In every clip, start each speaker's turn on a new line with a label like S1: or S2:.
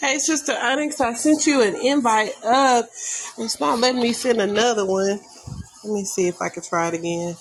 S1: Hey, Sister Onyx, I sent you an invite up. It's not letting me send another one. Let me see if I can try it again.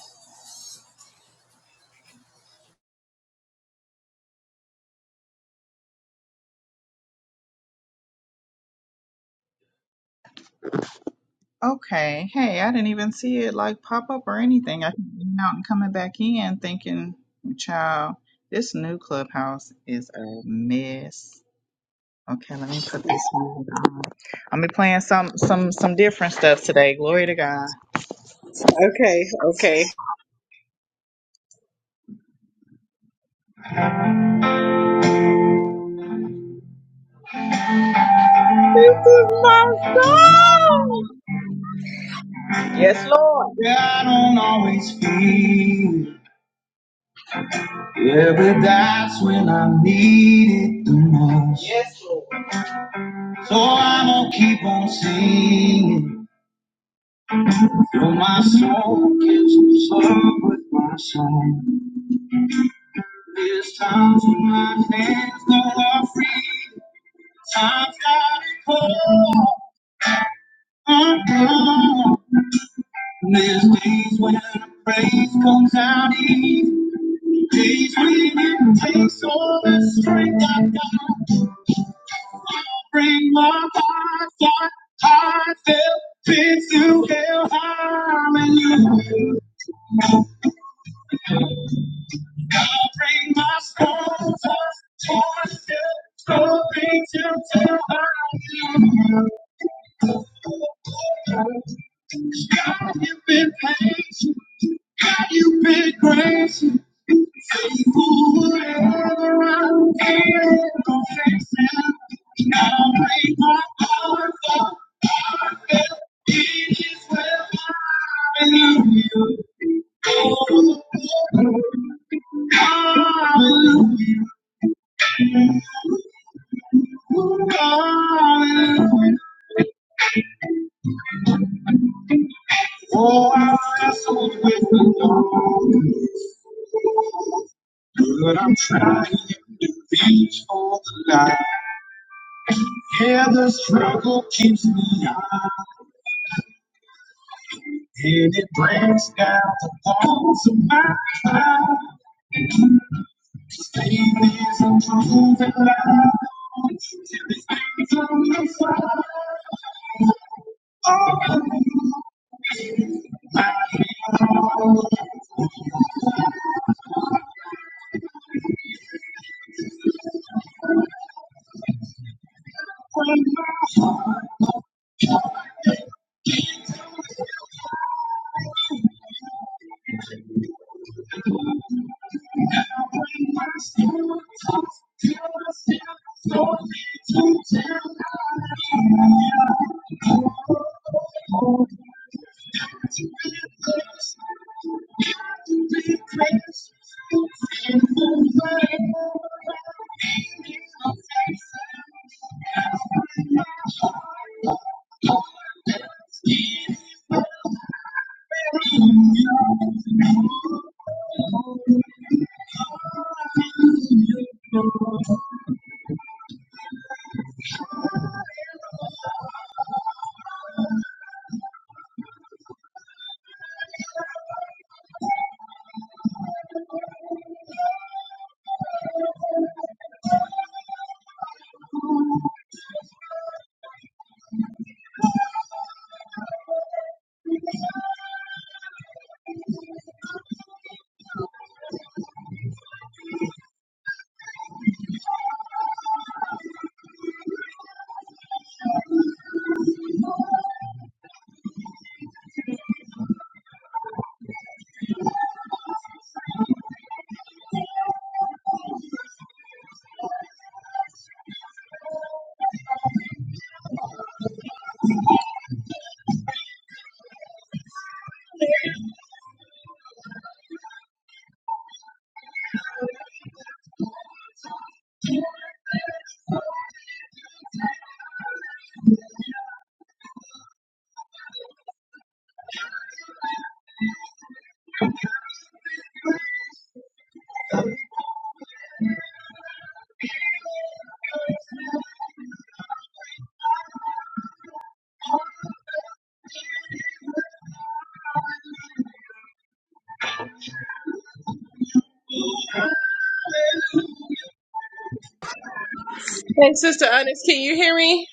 S1: Okay, okay. This is my phone.
S2: Yeah, I don't always feel it. Yeah, but that's when I need it the most. Yes, Lord. So I'm gonna keep on singing. Though my soul gives up with my song. There's times when my hands go are free. Times gotta call on God. There's days when the praise comes out easy. Days when it takes all the strength I got. Bring my heart, heart, heartfelt, pits to hell, hallelujah. I'll bring my soul, tossed, torn, still, scoping to tell, hallelujah. God, you've been patient. You've been gracious, faithful wherever I'm feeling. Confess it. Now bring my heart up. Heartfelt, It is where Hallelujah. Oh, oh, oh. hallelujah. Hallelujah. Oh, I'm wrestled with the Lord. But I'm trying to reach for the light. Yeah, the struggle keeps me on, and it breaks down the walls of my mind. Staying is a proven lie. Everything's on the side. Oh,
S1: Hey, Sister Onyx, can you hear me?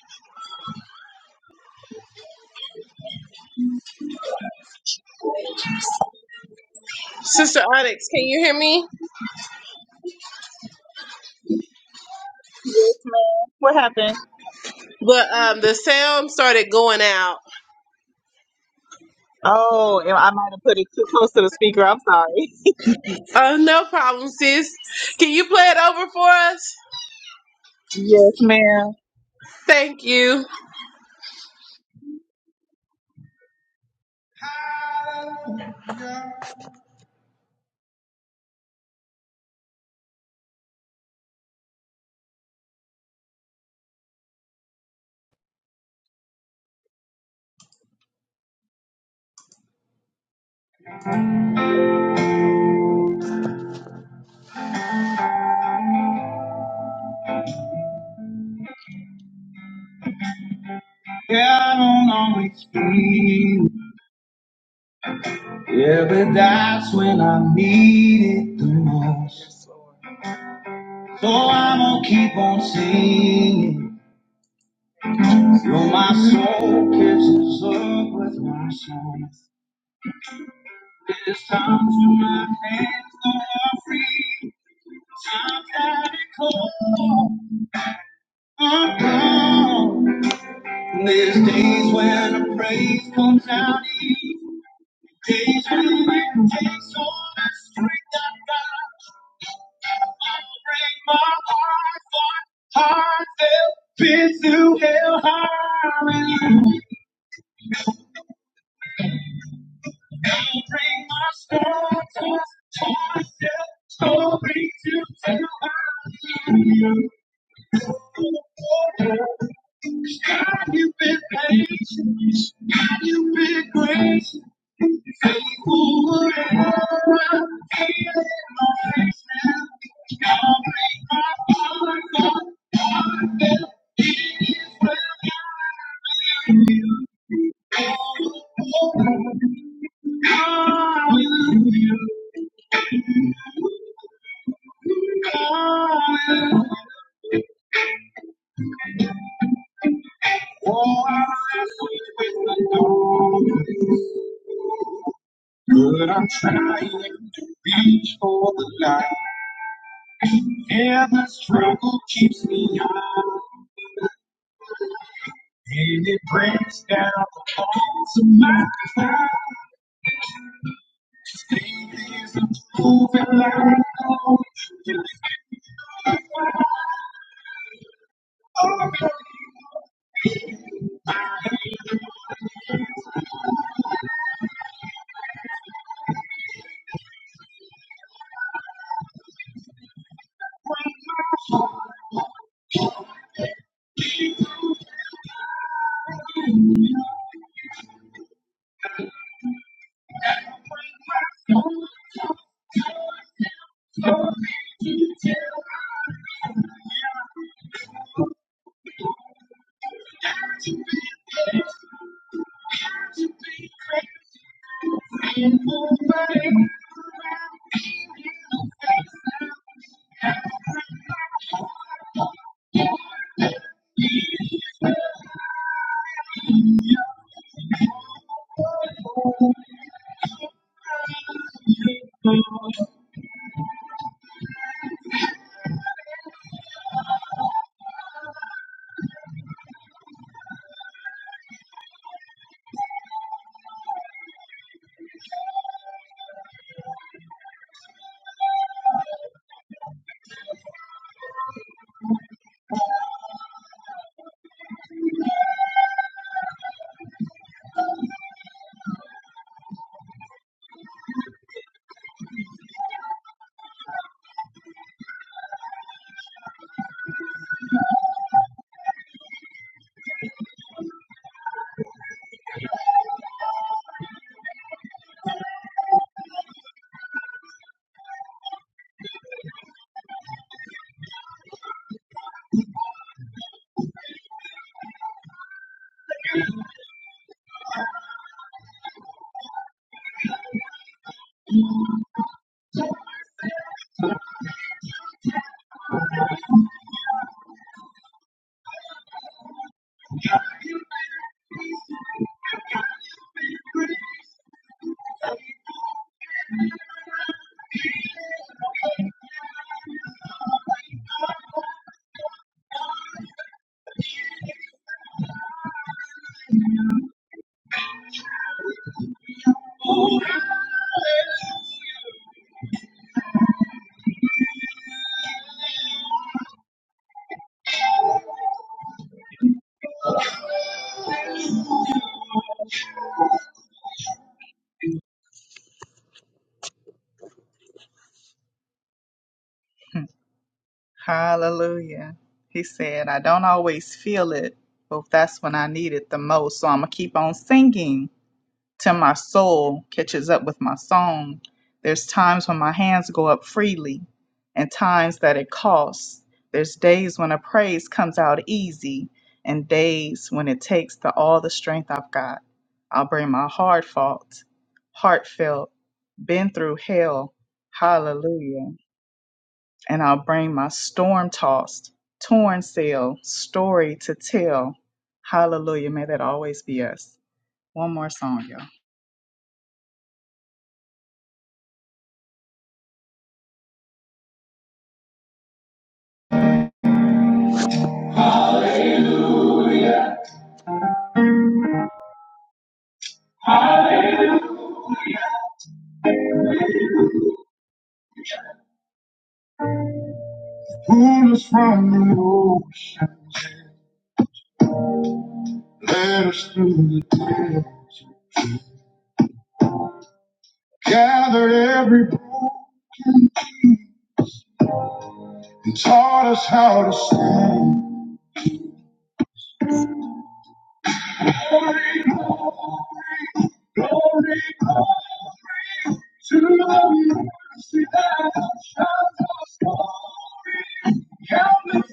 S1: Sister Onyx, can you hear me? But um, the sound started going out. Oh, no problem, sis. Can you play it over for us? Thank you.
S2: yeah, I don't always feel. it, Yeah, but that's when I need it the most. So I'm gonna keep on singing. Though my soul catches up with my song, there's times when my hands go are free. Times that it cold, I'm gone. There's days when the praise comes out easy. Days when it takes all the strength I got. I break my heart, heart, heart, felt, been through hell, high. You bring my story to myself, story to tell. Hallelujah. God, you've patient. God, you've gracious. Faithful and ever. I'll bring my heart forward. Hallelujah. Hallelujah. Oh, I wrestle with the Lord. But I'm trying to reach for the light. Yeah, the struggle keeps me on. And it breaks down the walls of my pride. Moving like a boat. Pull us from the road. Let us through the day. Gather every boat. And taught us how to sing. Glory, glory, glory to the mercy that shines us. And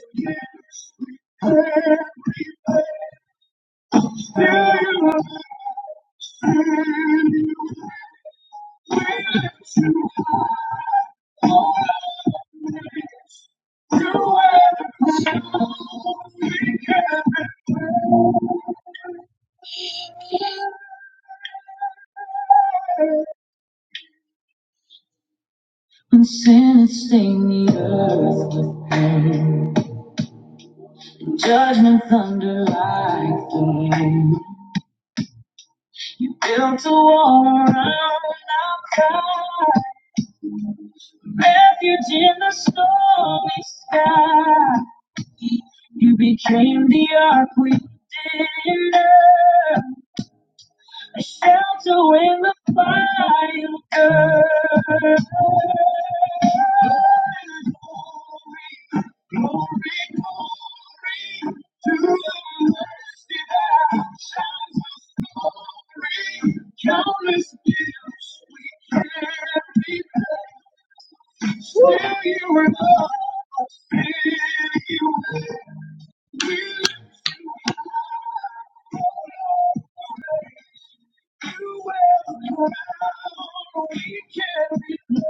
S2: sin is stain the earth. Judgment thunder like rain. You built a wall around our pride. Refuge in the stormy sky. You became the ark we didn't know. A shelter when the fire burned. Glory, glory to the mercy that shines glory. Countless years we can't be Still you were love. Still you were you were now. We can't be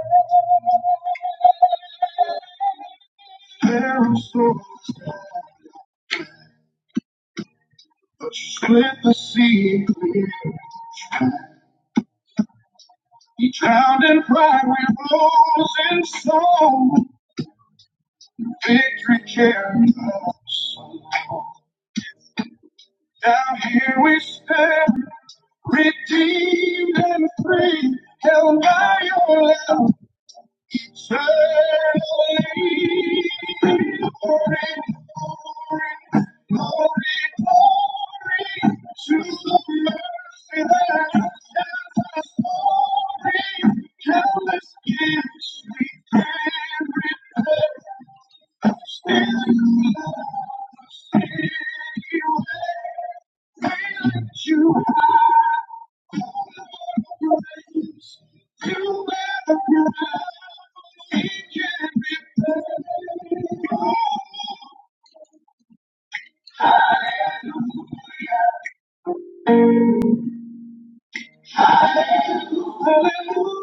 S2: so but you split the sea clear. He drowned in pride, we rose in song. Victory carried us. Now here we stand, redeemed and free, held by your love. Certainly, glory to the mercy that I bring. Countless gifts which you have raised. You bear the hallelujah.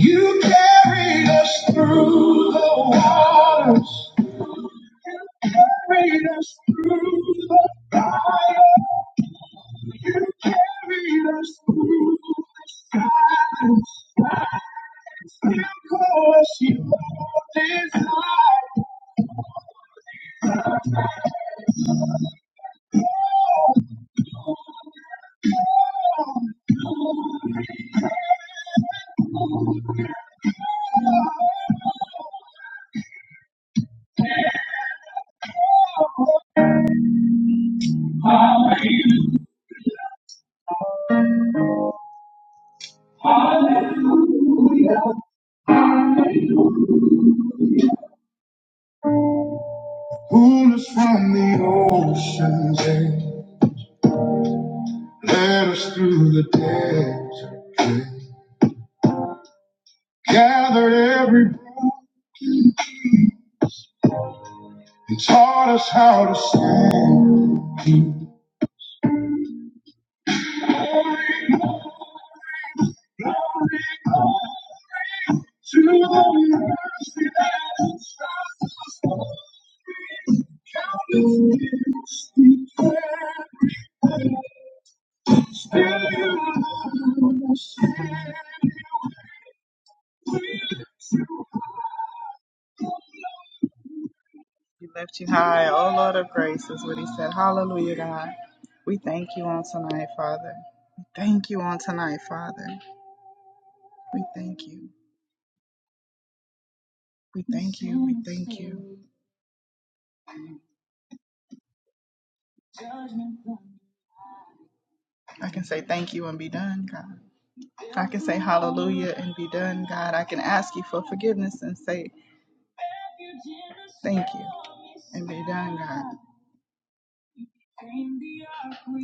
S2: You carried us through the waters. Carried us through the, carried us through. She pulled us from the ocean's edge, led us through the desert, plain, gathered every breath and taught us how to sing. To the mercy, judgment, refuge In the stormy, screamed the earth.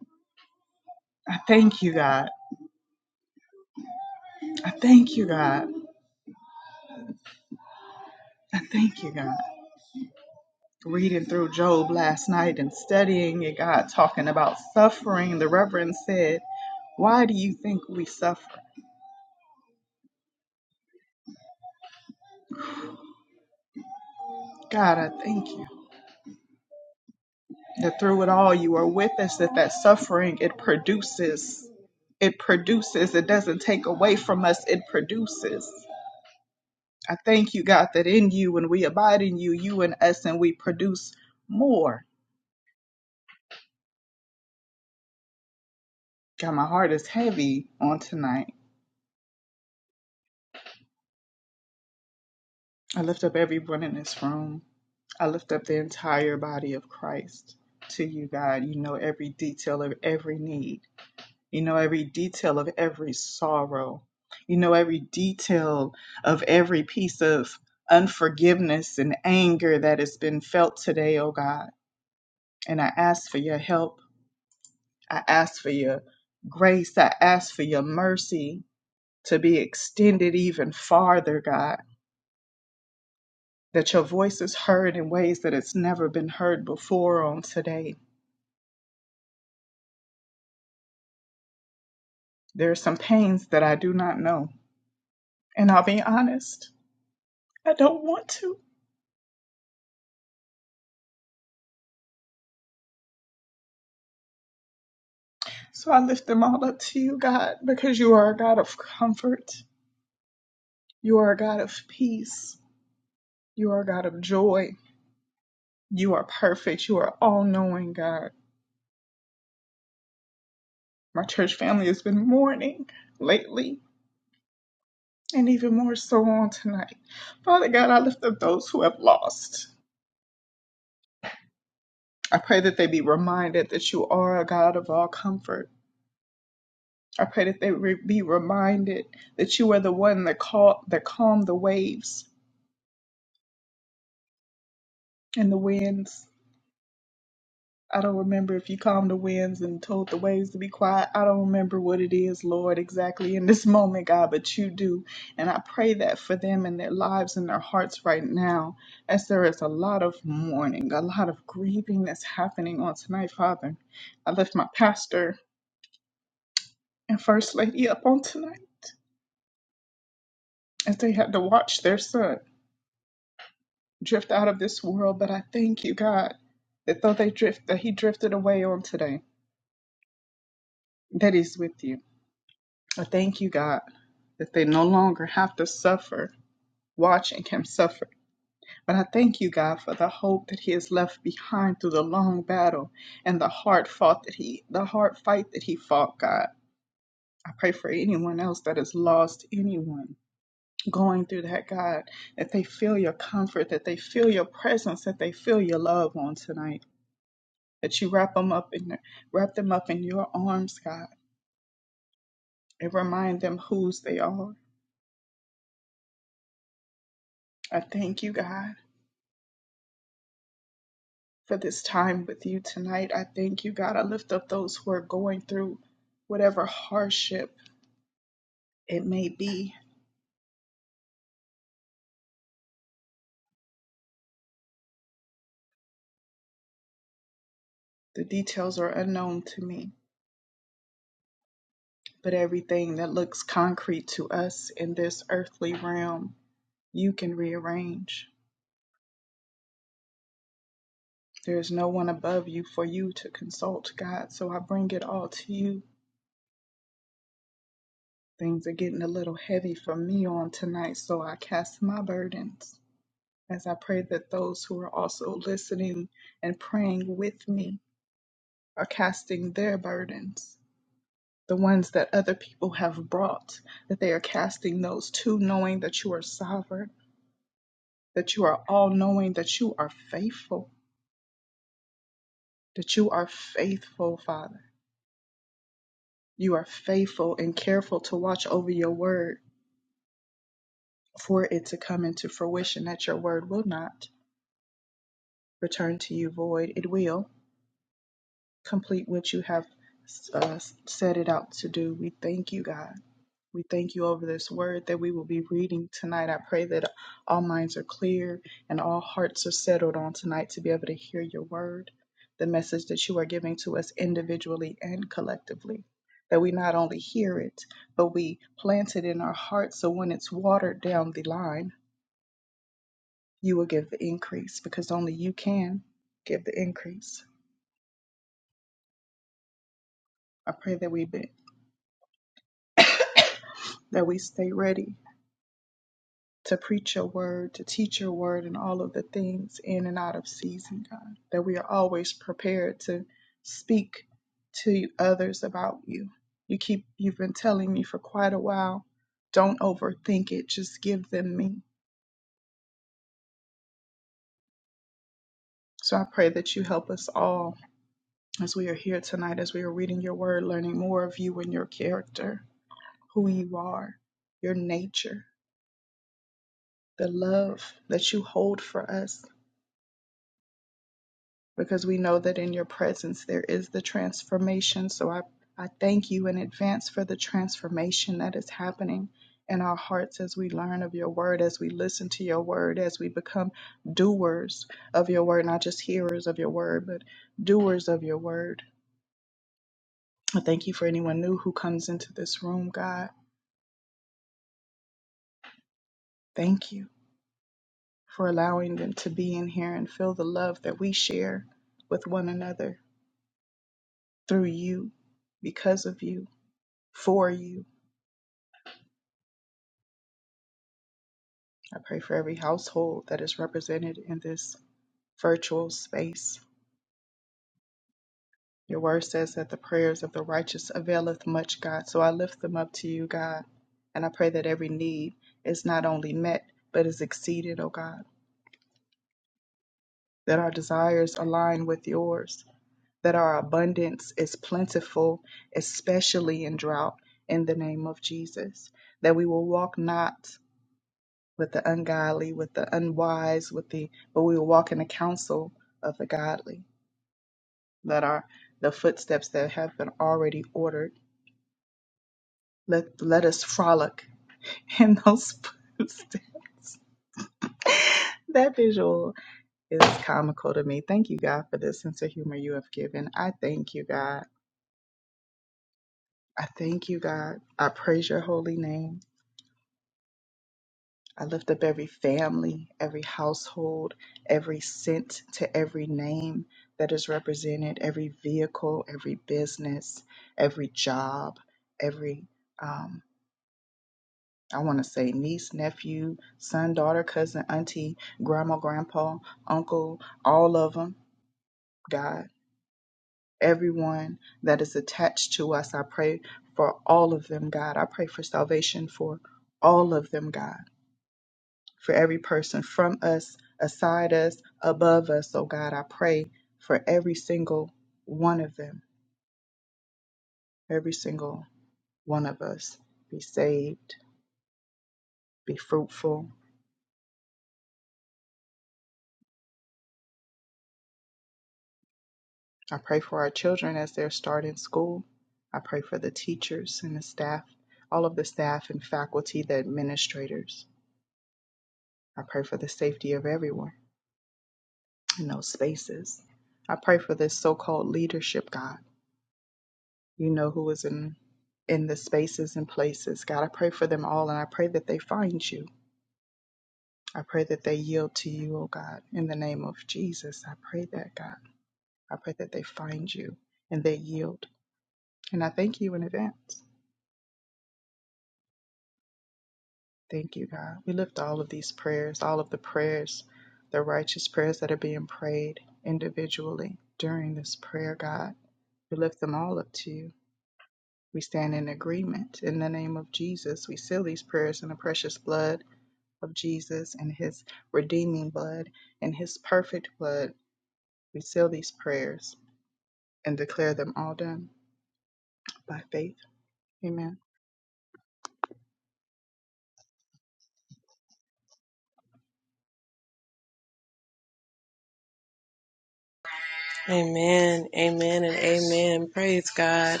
S1: Amen, amen, and amen. Praise God.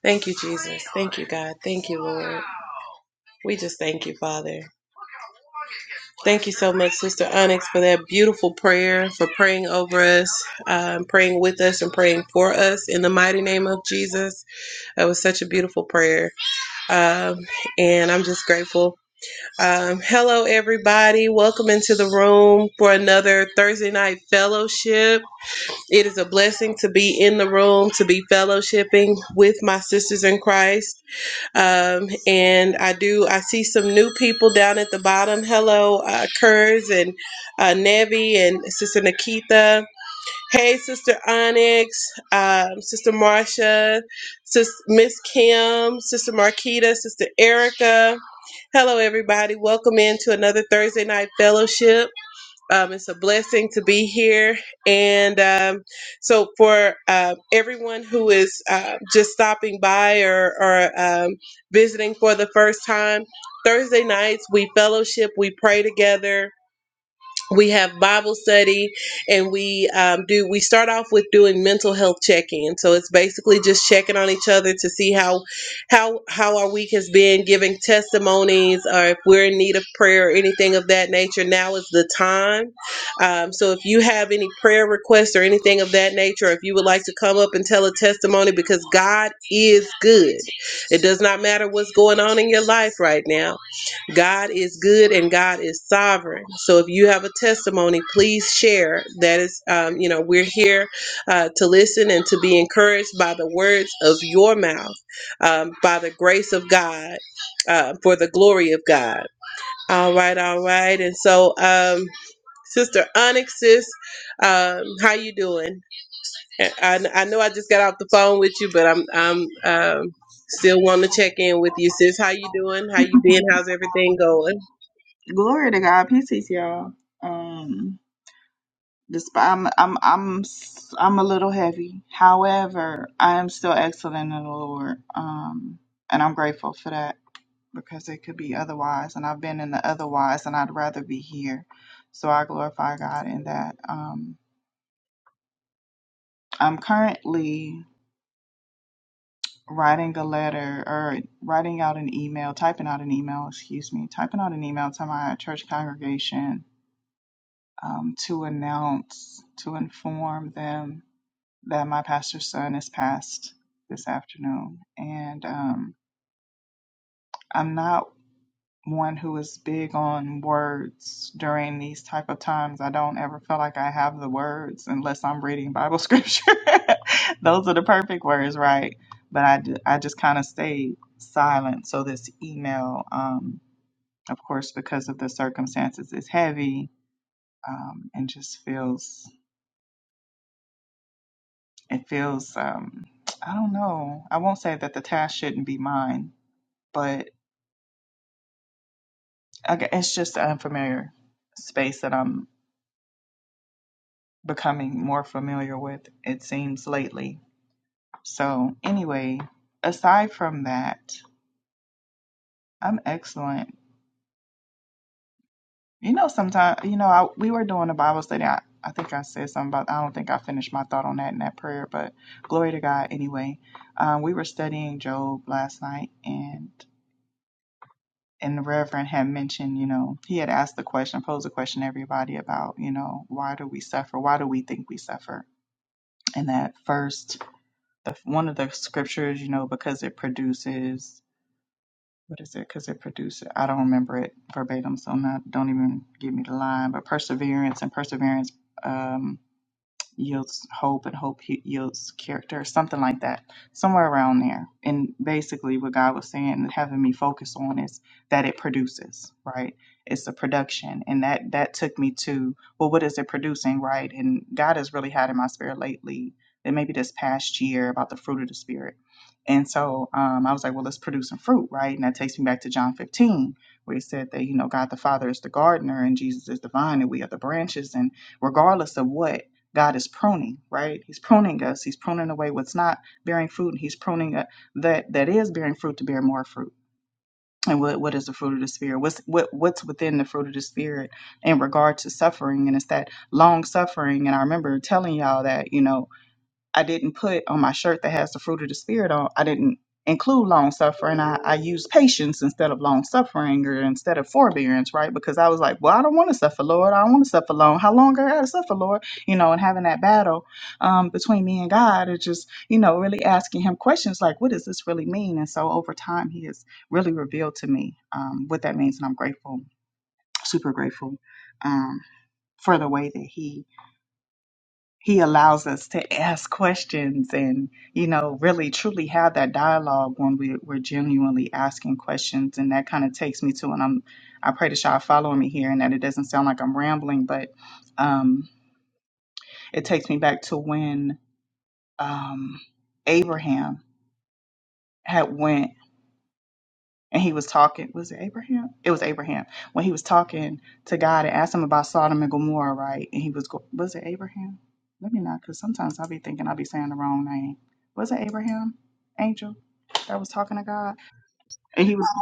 S1: Thank you, Jesus. Thank you, God. Thank you, Lord. We just thank you, Father. Thank you so much, Sister Onyx, for that beautiful prayer, for praying over us, um, praying with us, and praying for us in the mighty name of Jesus. That was such a beautiful prayer. Um, and I'm just grateful. Um, hello, everybody. Welcome into the room for another Thursday night fellowship. It is a blessing to be in the room, to be fellowshipping with my sisters in Christ. Um, and I do, I see some new people down at the bottom. Hello, uh, Kurz and uh, Nevi and Sister Nikita. Hey, Sister Onyx, um, Sister Marcia, Sis Miss Kim, Sister Marquita, Sister Erica. Hello, everybody. Welcome into another Thursday night fellowship. Um, it's a blessing to be here. And um, so, for uh, everyone who is uh, just stopping by or, or um, visiting for the first time, Thursday nights we fellowship, we pray together, we have bible study and we um, do we start off with doing mental health check-in so it's basically just checking on each other to see how how how our week has been giving testimonies or if we're in need of prayer or anything of that nature now is the time um, so if you have any prayer requests or anything of that nature if you would like to come up and tell a testimony because god is good it does not matter what's going on in your life right now God is good and God is sovereign. So if you have a testimony, please share. That is, um, you know, we're here uh, to listen and to be encouraged by the words of your mouth, um, by the grace of God, uh, for the glory of God. All right, all right. And so, um, Sister Onyx, sis, um, how you doing? I, I I know I just got off the phone with you, but I'm I'm um, still want to check in with you, sis. How you doing? How you been? How's everything going?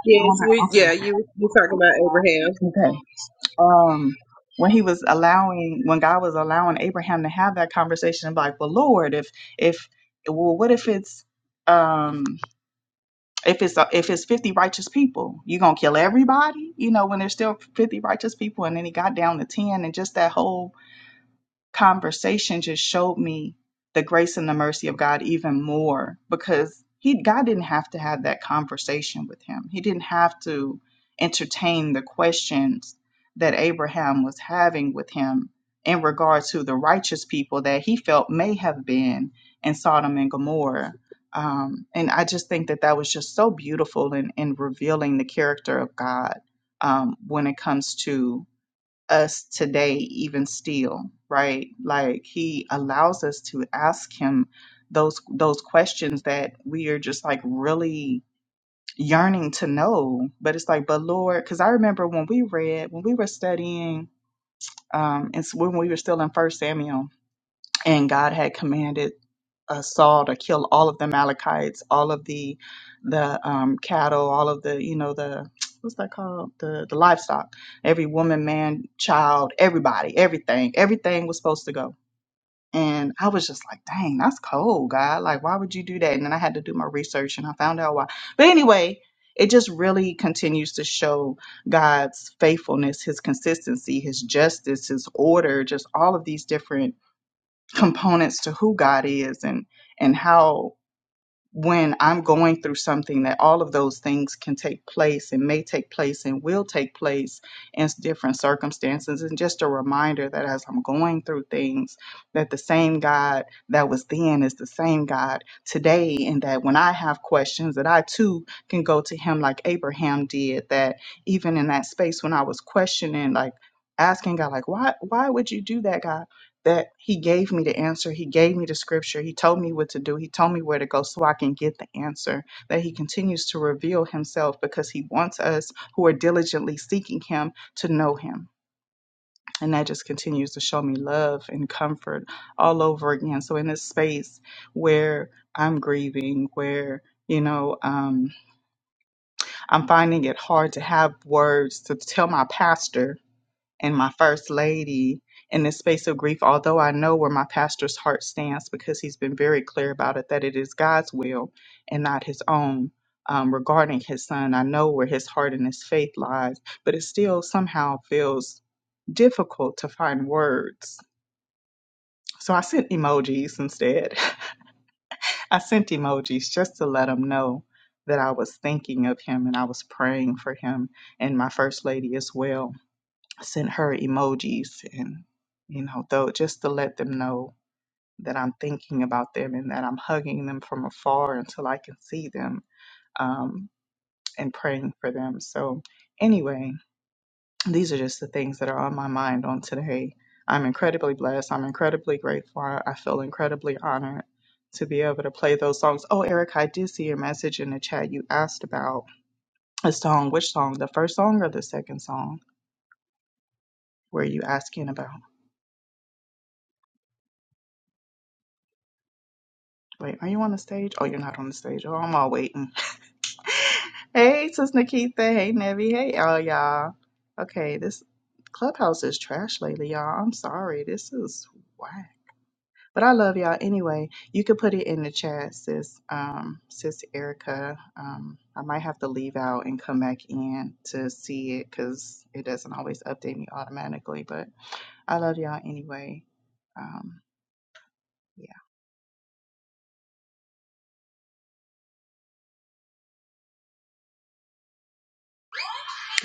S1: Yes, you, yeah, you you talking about Abraham.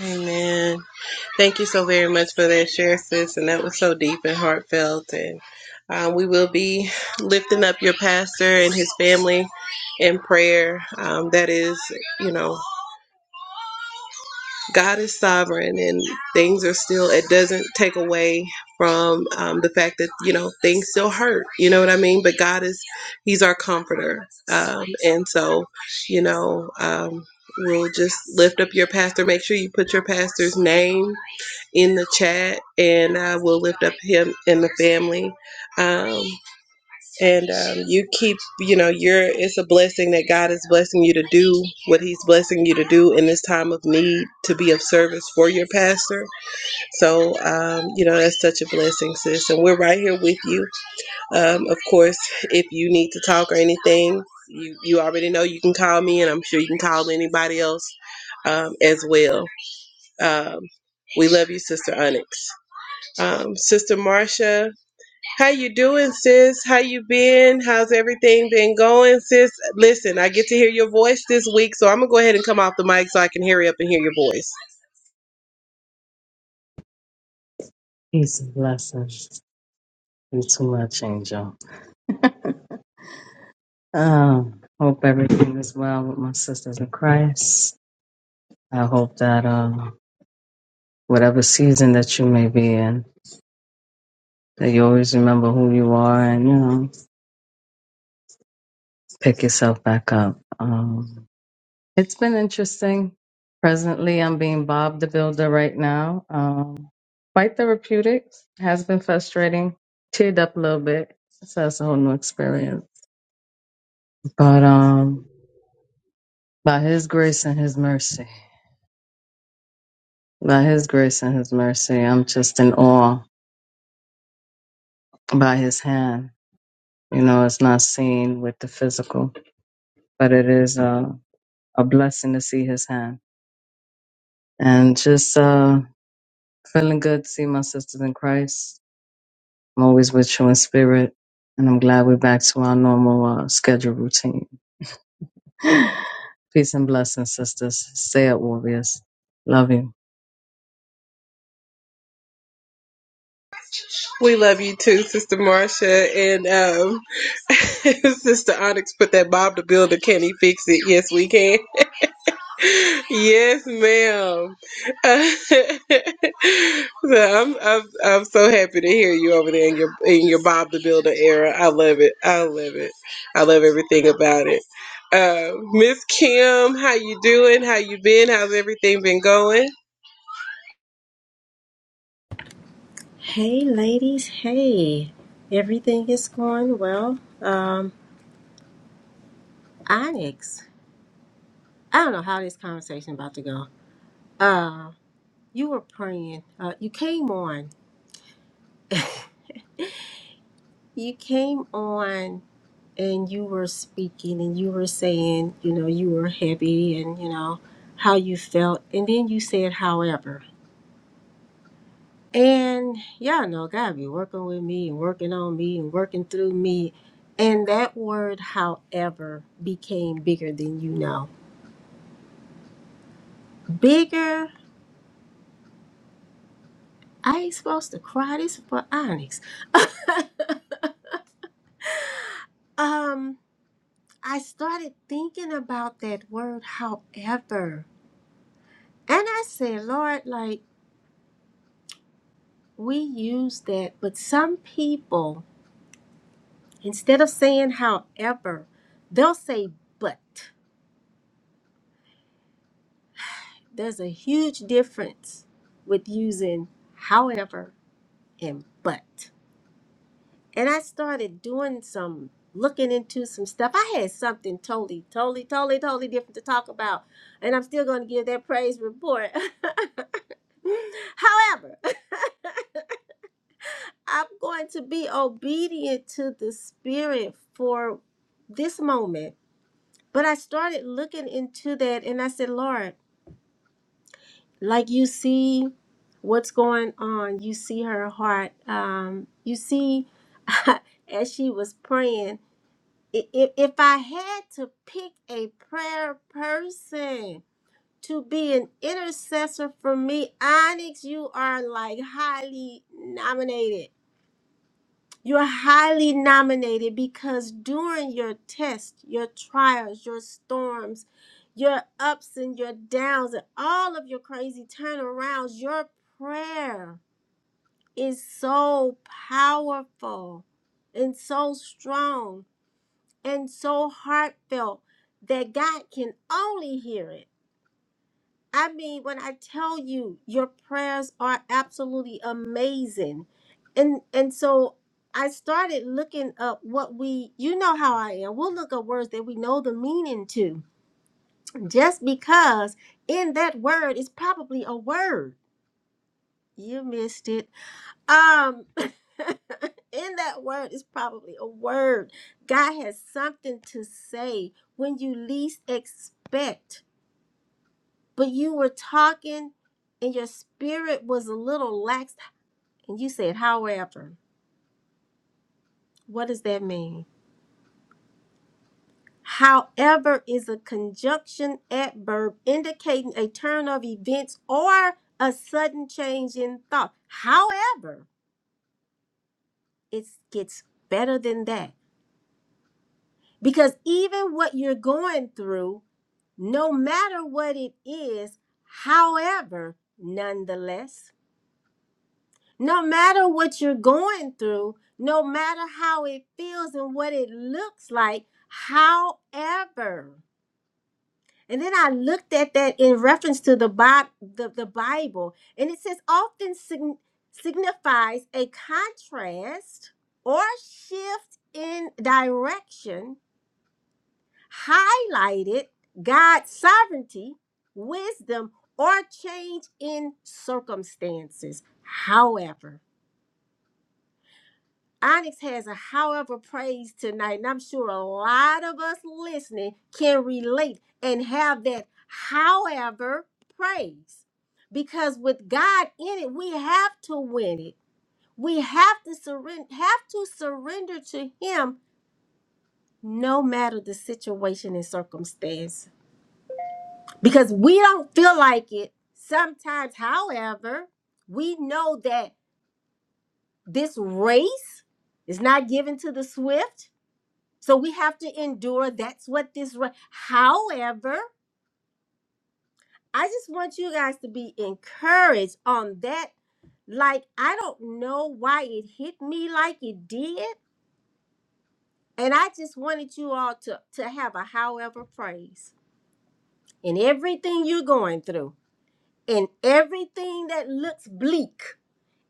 S1: Amen. Thank you so very much for that share, sis. And that was so deep and heartfelt. And um, we will be lifting up your pastor and his family in prayer. Um, that is, you know, God is sovereign and things are still, it doesn't take away from um, the fact that, you know, things still hurt. You know what I mean? But God is, He's our comforter. Um, and so, you know, um, we'll just lift up your pastor. Make sure you put your pastor's name in the chat and uh, we'll lift up him and the family. Um, and um, you keep you know you're it's a blessing that god is blessing you to do what he's blessing you to do in this time of need to be of service for your pastor so um, you know that's such a blessing sis and we're right here with you um, of course if you need to talk or anything you you already know you can call me and i'm sure you can call anybody else um, as well um, we love you sister onyx um, sister marcia how you doing, sis? How you been? How's everything been going, sis? Listen, I get to hear your voice this week, so I'm gonna go ahead and come off the mic so I can hurry up and hear your voice.
S3: Peace and blessings. You too much, Angel. Um, hope everything is well with my sisters in Christ. I hope that uh, whatever season that you may be in, that you always remember who you are and you know pick yourself back up. Um, it's been interesting. Presently, I'm being Bob the Builder right now. Um, quite therapeutic. Has been frustrating. Teared up a little bit. So that's a whole new experience. But um, By his grace and his mercy. By his grace and his mercy. I'm just in awe by his hand. You know, it's not seen with the physical, but it is a, a blessing to see his hand. And just uh, feeling good to see my sisters in Christ. I'm always with you in spirit. And I'm glad we're back to our normal uh, schedule routine. Peace and blessings, sisters. Stay up, warriors. Love you.
S1: We love you too, Sister Marcia and um, Sister Onyx. Put that Bob the Builder. Can he fix it? Yes, we can. Yes, ma'am. Uh, so I'm, I'm I'm so happy to hear you over there in your in your Bob the Builder era. I love it. I love it. I love everything about it. Uh, Miss Kim, how you doing? How you been? How's everything been going?
S4: Hey, ladies. Hey, everything is going well. Um, Onyx, I don't know how this conversation about to go. Uh, you were praying. Uh, you came on. you came on, and you were speaking, and you were saying, you know, you were heavy, and you know how you felt, and then you said, however. And y'all know God be working with me and working on me and working through me. And that word, however, became bigger than you know. Bigger. I ain't supposed to cry. This is for Onyx. um, I started thinking about that word, however. And I said, Lord, like we use that, but some people, instead of saying however, they'll say but. There's a huge difference with using however and but. And I started doing some looking into some stuff. I had something totally, totally, totally, totally different to talk about. And I'm still going to give that praise report. However, I'm going to be obedient to the Spirit for this moment. But I started looking into that and I said, Lord, like you see what's going on you see her heart um you see as she was praying if, if i had to pick a prayer person to be an intercessor for me onyx you are like highly nominated you're highly nominated because during your test, your trials, your storms, your ups and your downs, and all of your crazy turnarounds, your prayer is so powerful and so strong and so heartfelt that God can only hear it. I mean, when I tell you your prayers are absolutely amazing. And and so I started looking up what we you know how I am. We'll look up words that we know the meaning to. Just because in that word is probably a word. You missed it. Um in that word is probably a word. God has something to say when you least expect. but you were talking and your spirit was a little lax and you said however what does that mean however is a conjunction adverb indicating a turn of events or a sudden change in thought however it gets better than that because even what you're going through no matter what it is however nonetheless No matter what you're going through, no matter how it feels and what it looks like, however. And then I looked at that in reference to the Bi- the, the Bible, and it says often sign- signifies a contrast or shift in direction, highlighted God's sovereignty, wisdom, or change in circumstances. However, Onyx has a however praise tonight, and I'm sure a lot of us listening can relate and have that however praise. Because with God in it, we have to win it. We have to surrender have to surrender to him no matter the situation and circumstance. Because we don't feel like it. Sometimes, however, we know that this race is not given to the swift So we have to endure. That's what this. re- However, I just want you guys to be encouraged on that. Like I don't know why it hit me like it did, and I just wanted you all to to have a however praise in everything you're going through, in everything that looks bleak.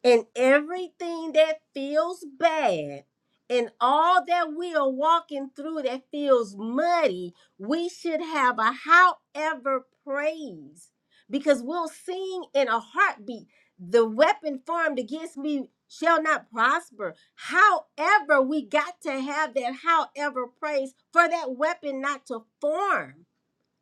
S4: and everything that feels bad and all that we are walking through that feels muddy, we should have a however praise because we'll sing in a heartbeat. The weapon formed against me shall not prosper. However, we got to have that however praise for that weapon not to form.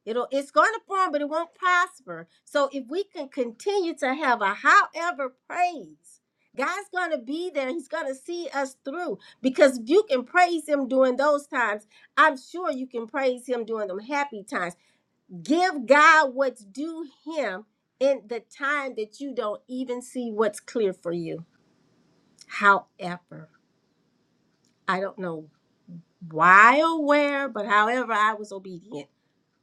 S4: It'll it's going to form, but it won't prosper. So if we can continue to have a however praise, God's going to be there. He's going to see us through because if you can praise Him during those times, I'm sure you can praise Him during them happy times. Give God what's due Him in the time that you don't even see what's clear for you. However, I don't know why or where, but however, I was obedient.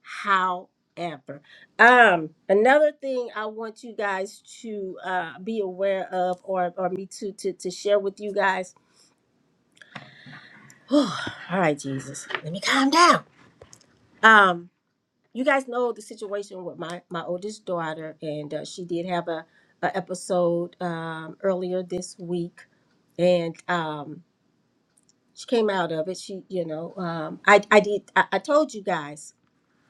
S4: However, um, another thing I want you guys to uh, be aware of, or or me to to to share with you guys. all right, Jesus, let me calm down. Um, you guys know the situation with my my oldest daughter, and uh, she did have a, a episode um, earlier this week, and um, she came out of it. She, you know, um, I I did I, I told you guys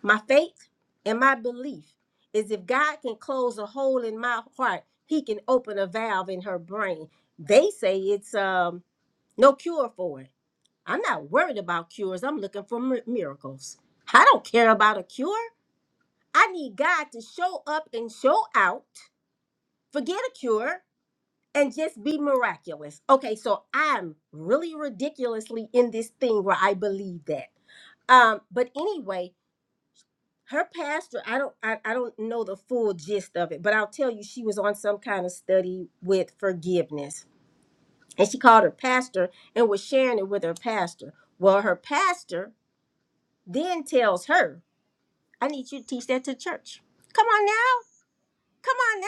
S4: My faith and my belief is if God can close a hole in my heart, he can open a valve in her brain. They say it's um no cure for it. I'm not worried about cures. I'm looking for mir- miracles. I don't care about a cure. I need God to show up and show out. Forget a cure and just be miraculous. Okay, so I'm really ridiculously in this thing where I believe that. Um but anyway, her pastor i don't I, I don't know the full gist of it but i'll tell you she was on some kind of study with forgiveness and she called her pastor and was sharing it with her pastor well her pastor then tells her i need you to teach that to church come on now come on now."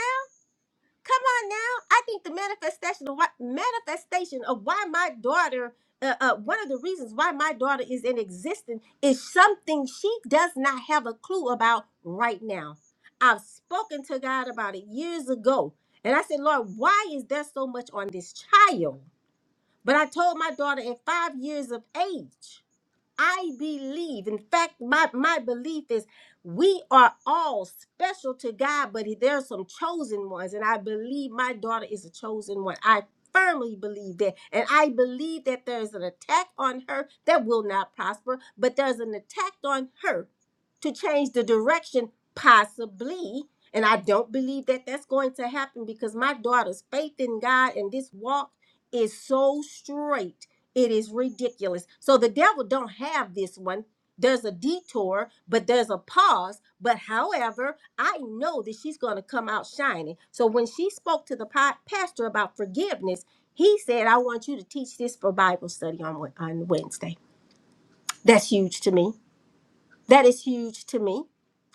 S4: Come on now. I think the manifestation of what manifestation of why my daughter uh, uh, one of the reasons why my daughter is in existence is something she does not have a clue about right now. I've spoken to God about it years ago. And I said, Lord, why is there so much on this child? But I told my daughter at five years of age. I believe. In fact, my, my belief is we are all special to God, but there are some chosen ones. And I believe my daughter is a chosen one. I firmly believe that. And I believe that there's an attack on her that will not prosper, but there's an attack on her to change the direction, possibly. And I don't believe that that's going to happen because my daughter's faith in God and this walk is so straight it is ridiculous so the devil don't have this one there's a detour but there's a pause but however i know that she's going to come out shining so when she spoke to the pa- pastor about forgiveness he said i want you to teach this for bible study on, Wed- on wednesday that's huge to me that is huge to me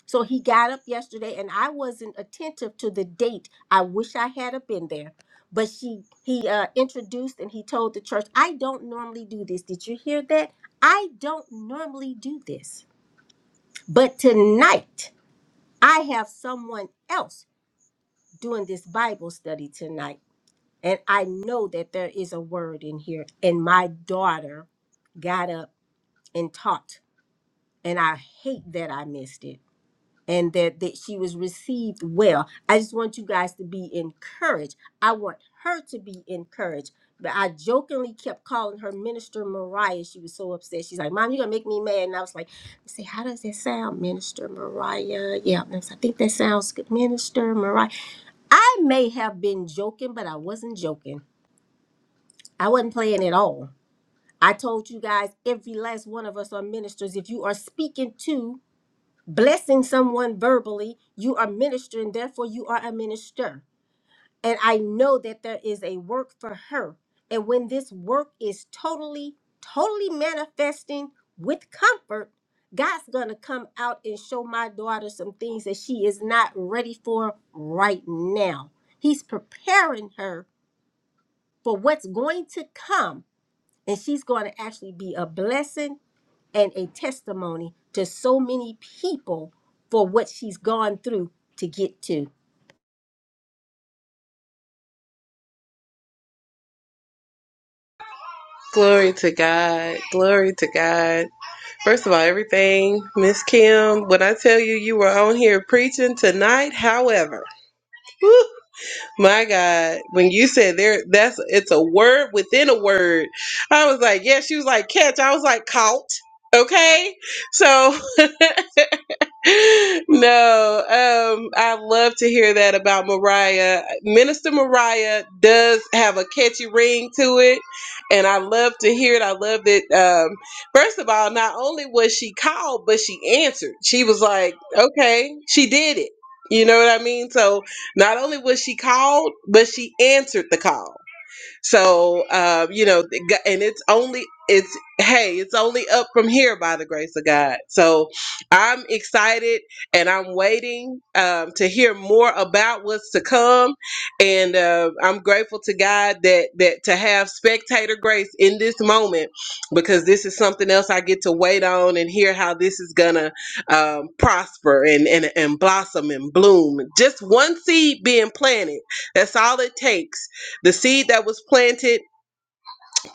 S4: so he got up yesterday and I wasn't attentive to the date. I wish I had have been there. But she he uh introduced and he told the church, I don't normally do this. Did you hear that? I don't normally do this. But tonight I have someone else doing this Bible study tonight. And I know that there is a word in here. And my daughter got up and taught. And I hate that I missed it. and that, that she was received well. I just want you guys to be encouraged. I want her to be encouraged. But I jokingly kept calling her Minister Mariah. She was so upset. She's like, Mom, you're going to make me mad. And I was like, I say, How does that sound, Minister Mariah? Yeah, and I said, "I think that sounds good. Minister Mariah. I may have been joking, but I wasn't joking. I wasn't playing at all. I told you guys, every last one of us are ministers. If you are speaking to blessing someone verbally, you are ministering, therefore, you are a minister. And I know that there is a work for her. And when this work is totally, totally manifesting with comfort, God's going to come out and show my daughter some things that she is not ready for right now. He's preparing her for what's going to come. And she's going to actually be a blessing and a testimony to so many people for what she's gone through to get to.
S1: Glory to God. Glory to God. First of all, everything, Miss Kim, when I tell you you were on here preaching tonight, however, woo, My God, when you said there, that's it's a word within a word. I was like, yeah. She was like, catch. I was like, caught. Okay, so no, um, I love to hear that about Mariah. Minister Mariah does have a catchy ring to it, and I love to hear it. I love that. Um, first of all, not only was she called, but she answered. She was like, "Okay, she did it." You know what I mean? So not only was she called, but she answered the call. So, um, you know, and it's only, it's, hey, it's only up from here by the grace of God. So I'm excited and I'm waiting um, to hear more about what's to come. And uh, I'm grateful to God that, that to have spectator grace in this moment, because this is something else I get to wait on and hear how this is going to um, prosper and, and, and blossom and bloom. Just one seed being planted. That's all it takes the seed that was planted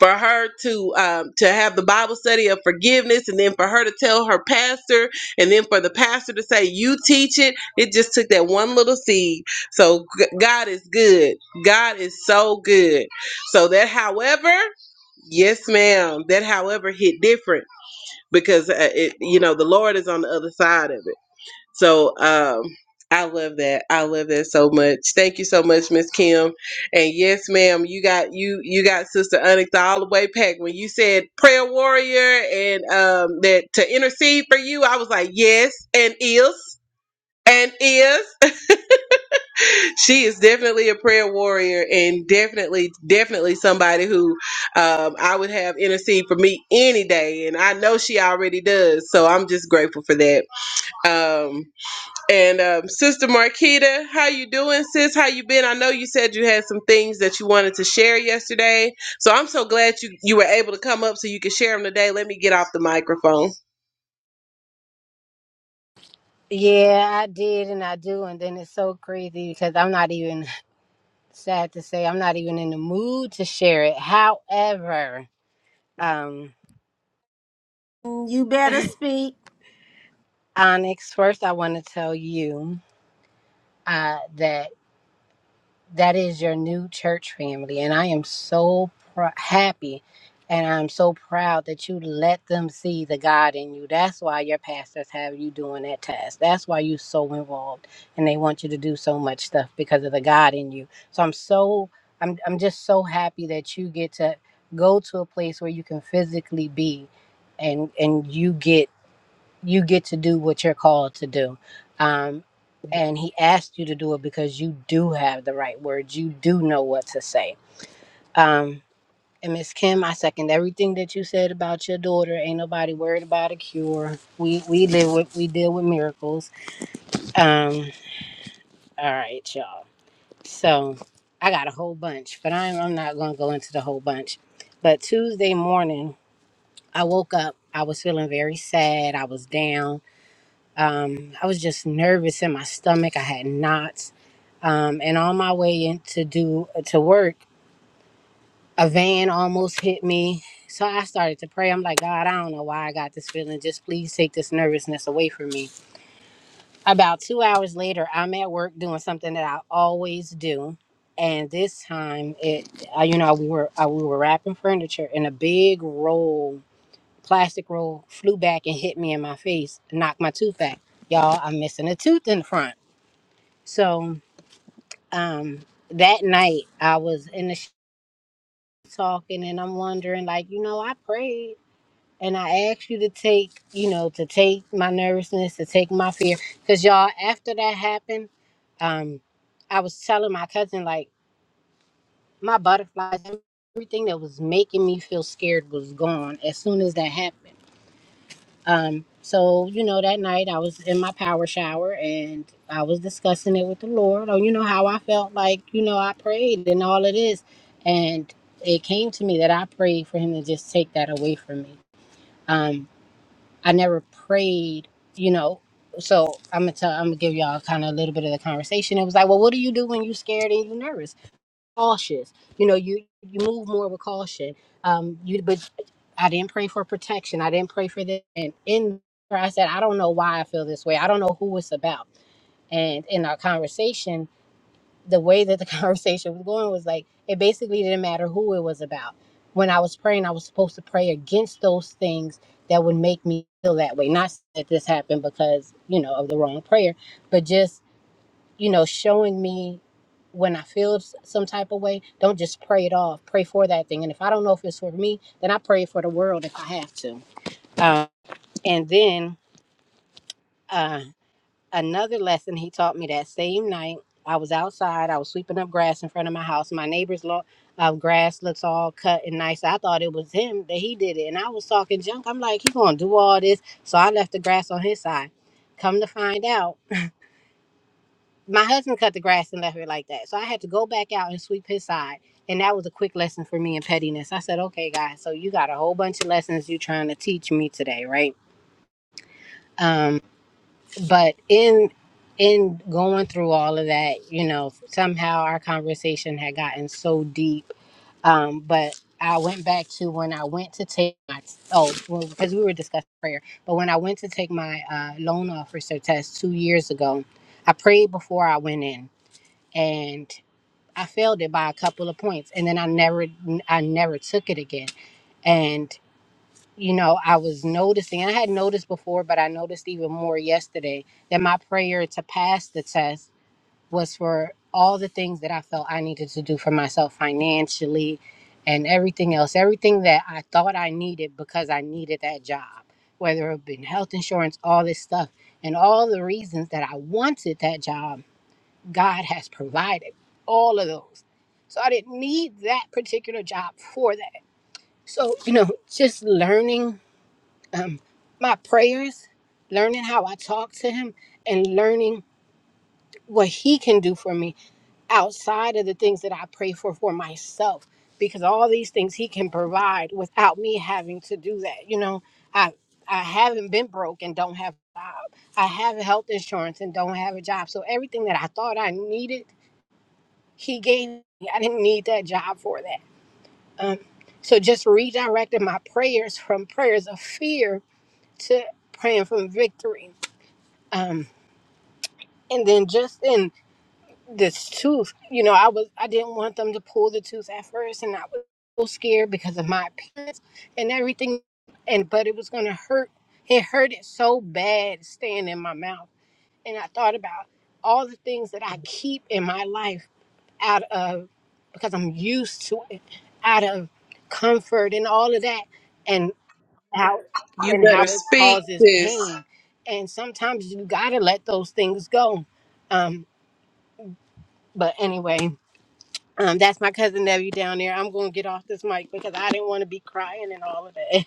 S1: for her to um, to have the Bible study of forgiveness, and then for her to tell her pastor, and then for the pastor to say, "You teach it." It just took that one little seed. So g- God is good. God is so good. So that, however, yes, ma'am, that however hit different because uh, it, you know the Lord is on the other side of it. So um I love that. I love that so much. Thank you so much, Miss Kim. And yes, ma'am, you got you you got Sister Onyx all the way packed. When you said prayer warrior and um that to intercede for you, I was like, yes, and is and is she is definitely a prayer warrior and definitely definitely somebody who um, i would have intercede for me any day and i know she already does so i'm just grateful for that Um, and um, Sister Marquita, how you doing, sis? How you been? I know you said you had some things that you wanted to share yesterday, so I'm so glad you you were able to come up so you could share them today. Let me get off the microphone.
S5: Yeah, I did and I do. And then it's so crazy because I'm not even, sad to say, I'm not even in the mood to share it. However, um,
S4: You better speak.
S5: Onyx, first I want to tell you uh, that. that is your new church family and i am so pr- happy and i'm so proud that you let them see the god in you that's why your pastors have you doing that task that's why you're so involved and they want you to do so much stuff because of the god in you so i'm so i'm, I'm just so happy that you get to go to a place where you can physically be and and you get you get to do what you're called to do. Um, and he asked you to do it because you do have the right words. You do know what to say. Um, and Miss Kim, I second everything that you said about your daughter. Ain't nobody worried about a cure. We we live with we deal with miracles. Um, all right, y'all. So I got a whole bunch, but I'm I'm not gonna go into the whole bunch. But Tuesday morning, I woke up. I was feeling very sad. I was down. Um, I was just nervous in my stomach. I had knots. Um, and on my way in to do to work, a van almost hit me. So I started to pray. I'm like, God, I don't know why I got this feeling. Just please take this nervousness away from me. About two hours later, I'm at work doing something that I always do. And this time, it, I, you know, we were I, we were wrapping furniture, and a big roll, plastic roll, flew back and hit me in my face, knocked my tooth back. Y'all, I'm missing a tooth in the front. So um, that night I was in the sh- talking, and I'm wondering, like, you know, I prayed and I asked you to take, you know, to take my nervousness, to take my fear, because y'all, after that happened, um, I was telling my cousin like my butterflies, everything that was making me feel scared was gone as soon as that happened. Um, so you know, that night I was in my power shower and I was discussing it with the Lord. Oh, you know how I felt like you know I prayed and all of this, and it came to me that I prayed for Him to just take that away from me. Um, I never prayed, you know. So I'm gonna tell, I'm gonna give y'all kind of a little bit of the conversation. It was like, well, what do you do when you're scared and you're nervous? cautious. You know, you you move more with caution. Um, you but I didn't pray for protection. I didn't pray for that. And in prayer, I said, I don't know why I feel this way. I don't know who it's about. And in our conversation, the way that the conversation was going was like it basically didn't matter who it was about. When I was praying, I was supposed to pray against those things that would make me feel that way. Not that this happened because you know of the wrong prayer, but just you know, showing me when I feel s- some type of way, don't just pray it off. Pray for that thing. And if I don't know if it's for me, then I pray for the world if I have to. Uh, and then uh, another lesson he taught me that same night, I was outside, I was sweeping up grass in front of my house. My neighbor's lawn uh, grass looks all cut and nice. I thought it was him that he did it. And I was talking junk. I'm like, he going to do all this. So I left the grass on his side. Come to find out, my husband cut the grass and left it like that. So I had to go back out and sweep his side. And that was a quick lesson for me in pettiness. I said, okay, guys, so you got a whole bunch of lessons you're trying to teach me today, right? Um, but in in going through all of that, you know, somehow our conversation had gotten so deep. Um, but I went back to when I went to take my oh, well, because we were discussing prayer. But when I went to take my uh, loan officer test two years ago, I prayed before I went in, and I failed it by a couple of points, and then I never, I never took it again. And you know, I was noticing. I had noticed before, but I noticed even more yesterday that my prayer to pass the test was for all the things that I felt I needed to do for myself financially, and everything else, everything that I thought I needed because I needed that job, whether it been health insurance, all this stuff, and all the reasons that I wanted that job God has provided all of those. So I didn't need that particular job for that. So, you know, just learning um, my prayers, learning how I talk to Him, and learning what He can do for me outside of the things that I pray for for myself. Because all these things He can provide without me having to do that. You know, I I haven't been broke and don't have a job. I have health insurance and don't have a job. So everything that I thought I needed he gave me. I didn't need that job for that. Um, so just redirected my prayers from prayers of fear to praying from victory. Um, and then just in this tooth, you know, I was I didn't want them to pull the tooth at first, and I was so scared because of my appearance and everything. And but it was gonna hurt. It hurted so bad staying in my mouth. And I thought about all the things that I keep in my life out of because I'm used to it, out of comfort and all of that, and how
S1: You
S5: and how
S1: better
S5: it
S1: speak,
S5: causes
S1: sis.
S5: pain. And sometimes you gotta let those things go. Um, but anyway, um, that's my cousin Debbie down there. I'm gonna get off this mic because I didn't want to be crying and all of that.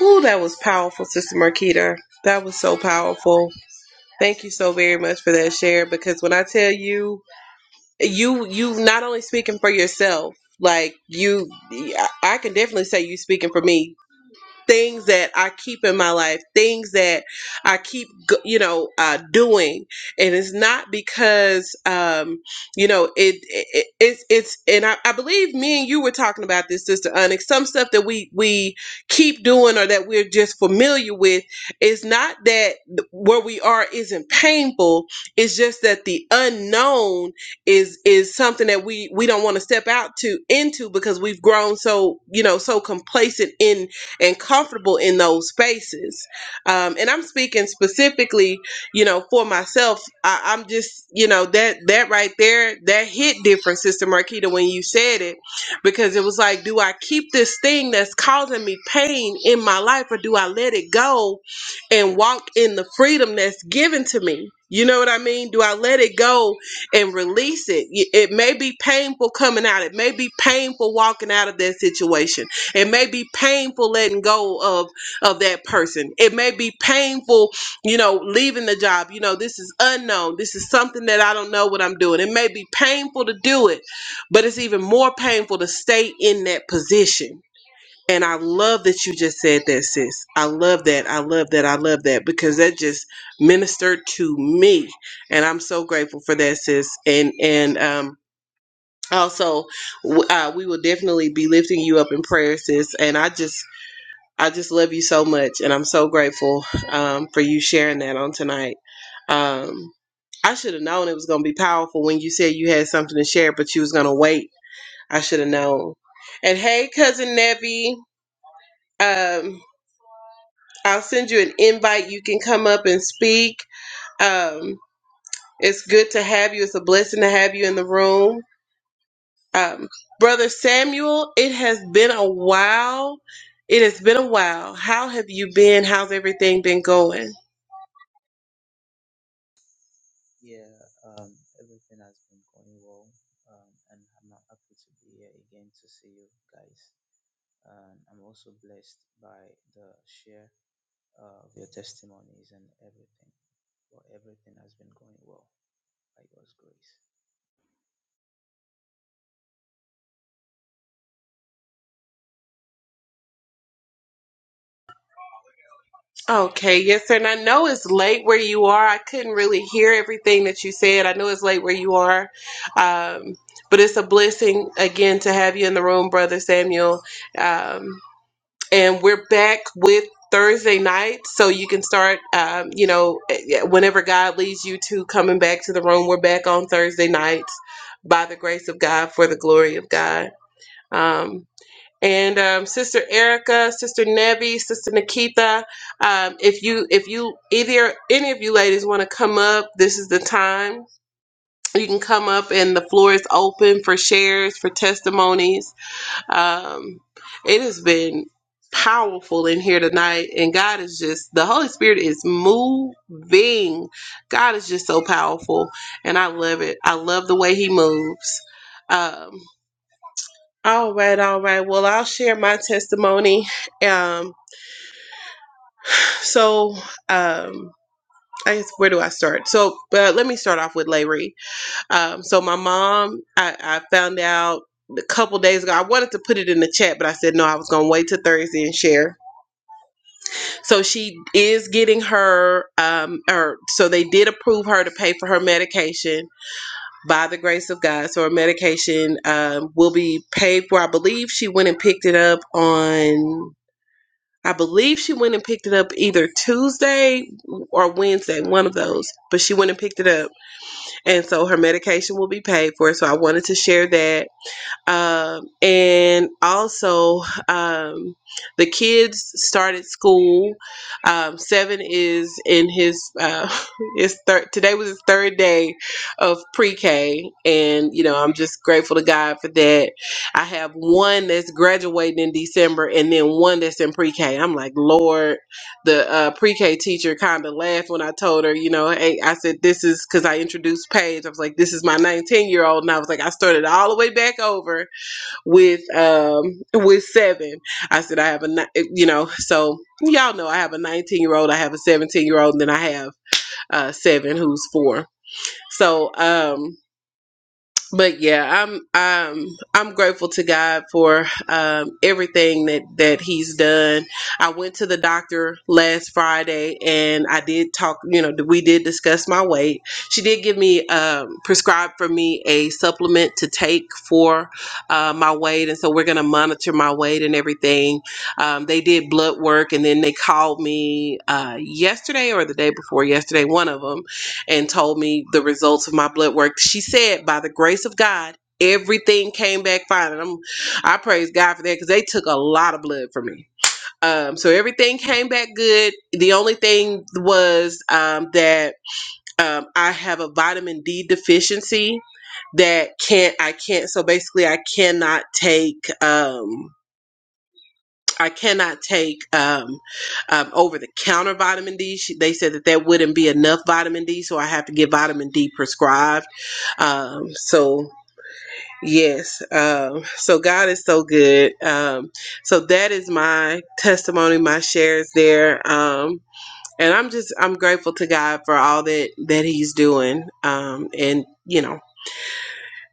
S1: Ooh, that was powerful, Sister Marquita. That was so powerful. Thank you so very much for that share. Because when I tell you, you you not only speaking for yourself, like you, I I can definitely say you speaking for me things that I keep in my life, things that I keep, g- you know, uh, doing. And it's not because, um, you know, it, it it's it's. And I, I believe me and you were talking about this, Sister Onyx. Some stuff that we we keep doing or that we're just familiar with. It's not that th- where we are isn't painful. It's just that the unknown is is something that we we don't want to step out to into because we've grown so you know so complacent in and comfortable in those spaces. Um, and I'm speaking specifically, you know, for myself. I, I'm just, you know, that that right there, that hit different, Sister Marquita, when you said it, because it was like, do I keep this thing that's causing me pain in my life, or do I let it go and walk in the freedom that's given to me? You know what I mean? Do I let it go and release it? Y- It may be painful coming out. It may be painful walking out of that situation it may be painful letting go of of that person. It may be painful, you know, leaving the job. You know, this is unknown. This is something that I don't know what I'm doing. It may be painful to do it, but it's even more painful to stay in that position. And I love that you just said that, sis. I love that. I love that. I love that because that just ministered to me, and I'm so grateful for that, sis. And and um, also, w- uh, we will definitely be lifting you up in prayer, sis. And I just I just love you so much, and I'm so grateful um, for you sharing that on tonight. Um, I should have known it was going to be powerful when you said you had something to share, but you was going to wait. I should have known. And hey, cousin Nevi, um, I'll send you an invite. You can come up and speak. Um, it's good to have you. It's a blessing to have you in the room. Um, Brother Samuel, it has been a while. It has been a while. How have you been? How's everything been going?
S6: Yeah, um, everything has been going well, um, and I'm happy to be here again to see you guys. Um, I'm also blessed by the share uh, of your testimonies and everything. Well, everything has been going well by God's grace.
S1: Okay, yes, sir. And I know it's late where you are. I couldn't really hear everything that you said. I know it's late where you are. Um, but it's a blessing again to have you in the room, Brother Samuel. Um, and we're back with Thursday night, so you can start, um, you know, eh, yeah, whenever God leads you to coming back to the room. We're back on Thursday nights by the grace of God for the glory of God. Um, and um, Sister Erica, Sister Nevi, Sister Nikita. Um, if you, if you, either any of you ladies want to come up, this is the time. You can come up, and the floor is open for shares, for testimonies. Um, it has been powerful in here tonight, and God is just the Holy Spirit is moving. God is just so powerful, and I love it. I love the way He moves. Um, all right, all right. Well, I'll share my testimony. Um, so, um, I guess where do I start? So, but let me start off with Larry. Um, so my mom, I, I found out a couple days ago. I wanted to put it in the chat, but I said no. I was gonna wait till Thursday and share. So she is getting her, um, or so they did approve her to pay for her medication by the grace of God. So her medication um, will be paid for. I believe she went and picked it up on. I believe she went and picked it up either Tuesday or Wednesday, one of those. But she went and picked it up. And so her medication will be paid for. So I wanted to share that um, and also um, the kids started school. Um, Seven is in his uh, his third. Today was his third day of pre-K, and you know I'm just grateful to God for that. I have one that's graduating in December, and then one that's in pre-K. I'm like, Lord, the uh, pre-K teacher kind of laughed when I told her, you know, hey, I said this is because I introduced Paige. I was like, this is my 19 year old, and I was like, I started all the way back over with um with seven i said i have a ni- eh, you know so y'all know i have a 19 year old i have a 17 year old and then i have uh seven who's four so um but yeah, I'm I'm I'm grateful to God for um everything that that he's done. I went to the doctor last Friday and I did talk, you know, we did discuss my weight. She did give me um prescribed for me a supplement to take for uh, my weight and so we're going to monitor my weight and everything. Um they did blood work and then they called me uh yesterday or the day before yesterday, one of them and told me the results of my blood work. She said, by the grace of God, everything came back fine. And I'm, I praise God for that because they took a lot of blood from me. Um, so everything came back good. The only thing was um, that um, I have a vitamin D deficiency that can't I can't so basically I cannot take um I cannot take um, um, over the counter vitamin D. She, they said that that wouldn't be enough vitamin D, so I have to get vitamin D prescribed. Um, so yes, um, so God is so good. Um, so that is my testimony, my shares there. Um, and I'm just I'm grateful to God for all that that He's doing. Um, and you know.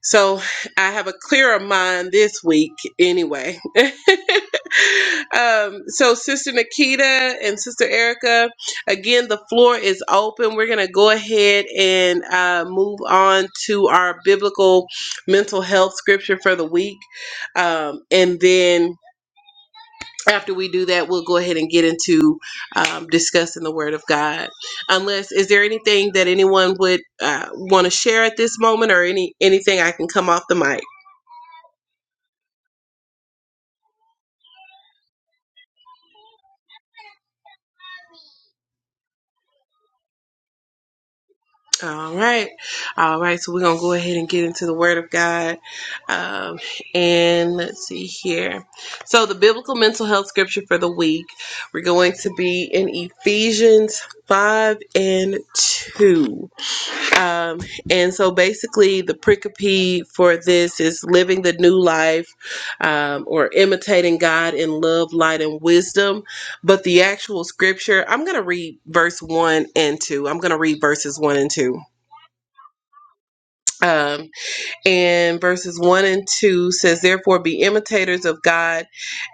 S1: So I have a clearer mind this week anyway. um, so Sister Nikita and Sister Erica, again, the floor is open. We're going to go ahead and uh, move on to our biblical mental health scripture for the week. Um, and then after we do that, we'll go ahead and get into um, discussing the Word of God. Unless, is there anything that anyone would uh, want to share at this moment, or any anything I can come off the mic? All right. All right. So we're going to go ahead and get into the Word of God. Um, and let's see here. So the biblical mental health scripture for the week, we're going to be in Ephesians 5 and 2. Um, and so basically, the pericope for this is living the new life um, or imitating God in love, light, and wisdom. But the actual scripture, I'm going to read verse 1 and 2. I'm going to read verses 1 and 2 um, and verses 1 and 2 says therefore be imitators of god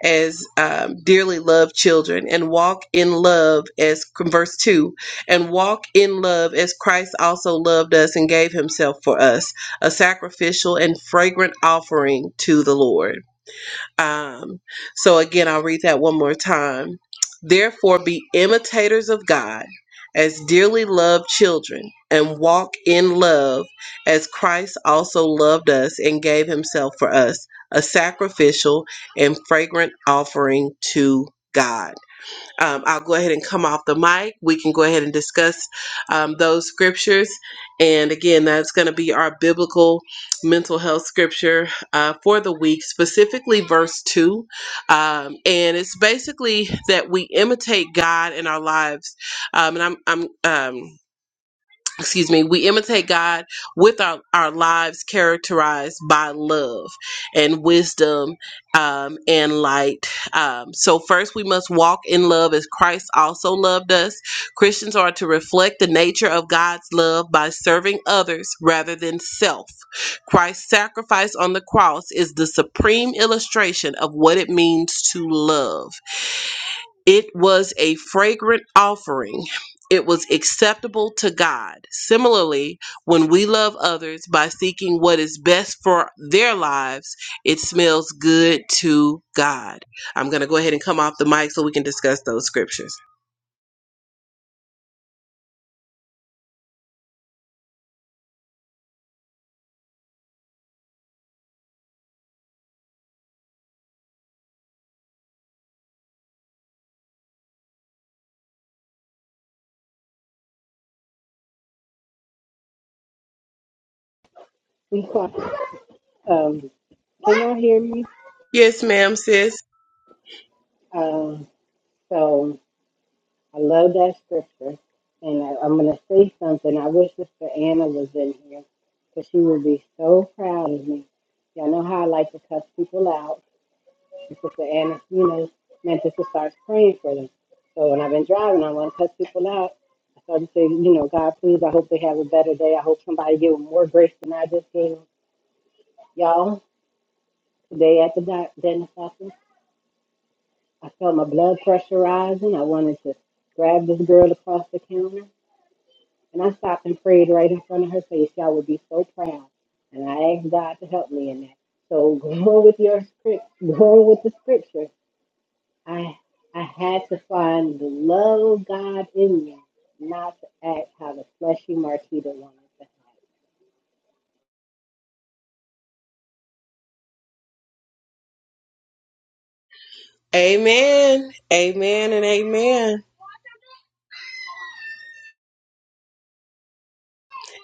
S1: as um, dearly loved children and walk in love as verse 2 and walk in love as christ also loved us and gave himself for us a sacrificial and fragrant offering to the lord um, so again, I'll read that one more time. Therefore, be imitators of God as dearly loved children, and walk in love as Christ also loved us and gave himself for us, a sacrificial and fragrant offering to God. Um, I'll go ahead and come off the mic. We can go ahead and discuss um, those scriptures. And again, that's going to be our biblical mental health scripture uh, for the week, specifically verse 2. Um, and it's basically that we imitate God in our lives. Um, and I'm, I'm, um, excuse me, we imitate God with our, our lives characterized by love and wisdom um, and light. Um, so, first, we must walk in love as Christ also loved us. Christians are to reflect the nature of God's love by serving others rather than self. Christ's sacrifice on the cross is the supreme illustration of what it means to love. It was a fragrant offering. It was acceptable to God. Similarly, when we love others by seeking what is best for their lives, it smells good to God. I'm going to go ahead and come off the mic so we can discuss those scriptures.
S5: Um, can y'all hear me?
S1: Yes, ma'am, sis.
S5: Um, so. I love that scripture. And I, I'm going to say something. I wish Sister Anna was in here because she would be so proud of me. Y'all know how I like to cuss people out. And Sister Anna, you know, meant us to start praying for them. So when I've been driving, I want to cuss people out. I started saying, you know, God, please, I hope they have a better day. I hope somebody give them more grace than I just gave them. Y'all, today at the doc- dentist office, I felt my blood pressure rising. I wanted to grab this girl across the counter. And I stopped and prayed right in front of her face. Y'all would be so proud. And I asked God to help me in that. So going with your script, going with the scripture, I I had to find the love of God in me, not to act how the fleshy Marquita wanted to act.
S1: Amen. Amen and amen.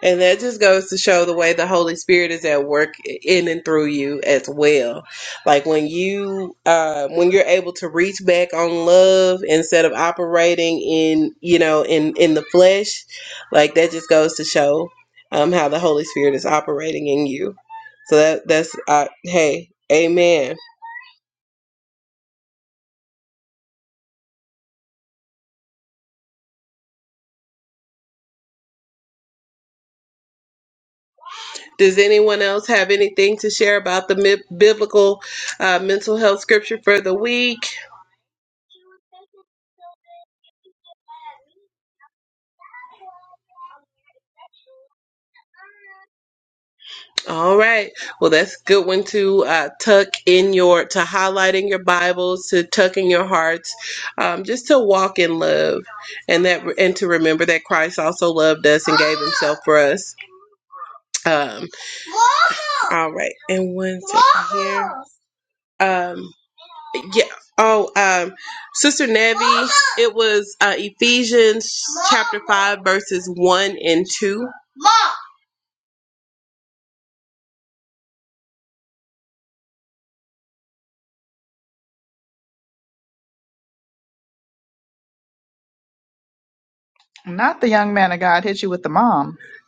S1: And that just goes to show the way the Holy Spirit is at work in and through you as well. Like when you, uh, when you're able to reach back on love instead of operating in, you know, in in the flesh, like that just goes to show um, how the Holy Spirit is operating in you. So that that's uh, hey, Amen. Does anyone else have anything to share about the mi- biblical uh, mental health scripture for the week? All right. Well, that's a good one to uh, tuck in your, to highlight in your Bibles, to tuck in your hearts, um, just to walk in love, and that, and to remember that Christ also loved us and gave Himself for us. Um, all right. And one second here. Um, yeah. Oh, um, Sister Nevi, it was uh, Ephesians chapter five, verses one and two.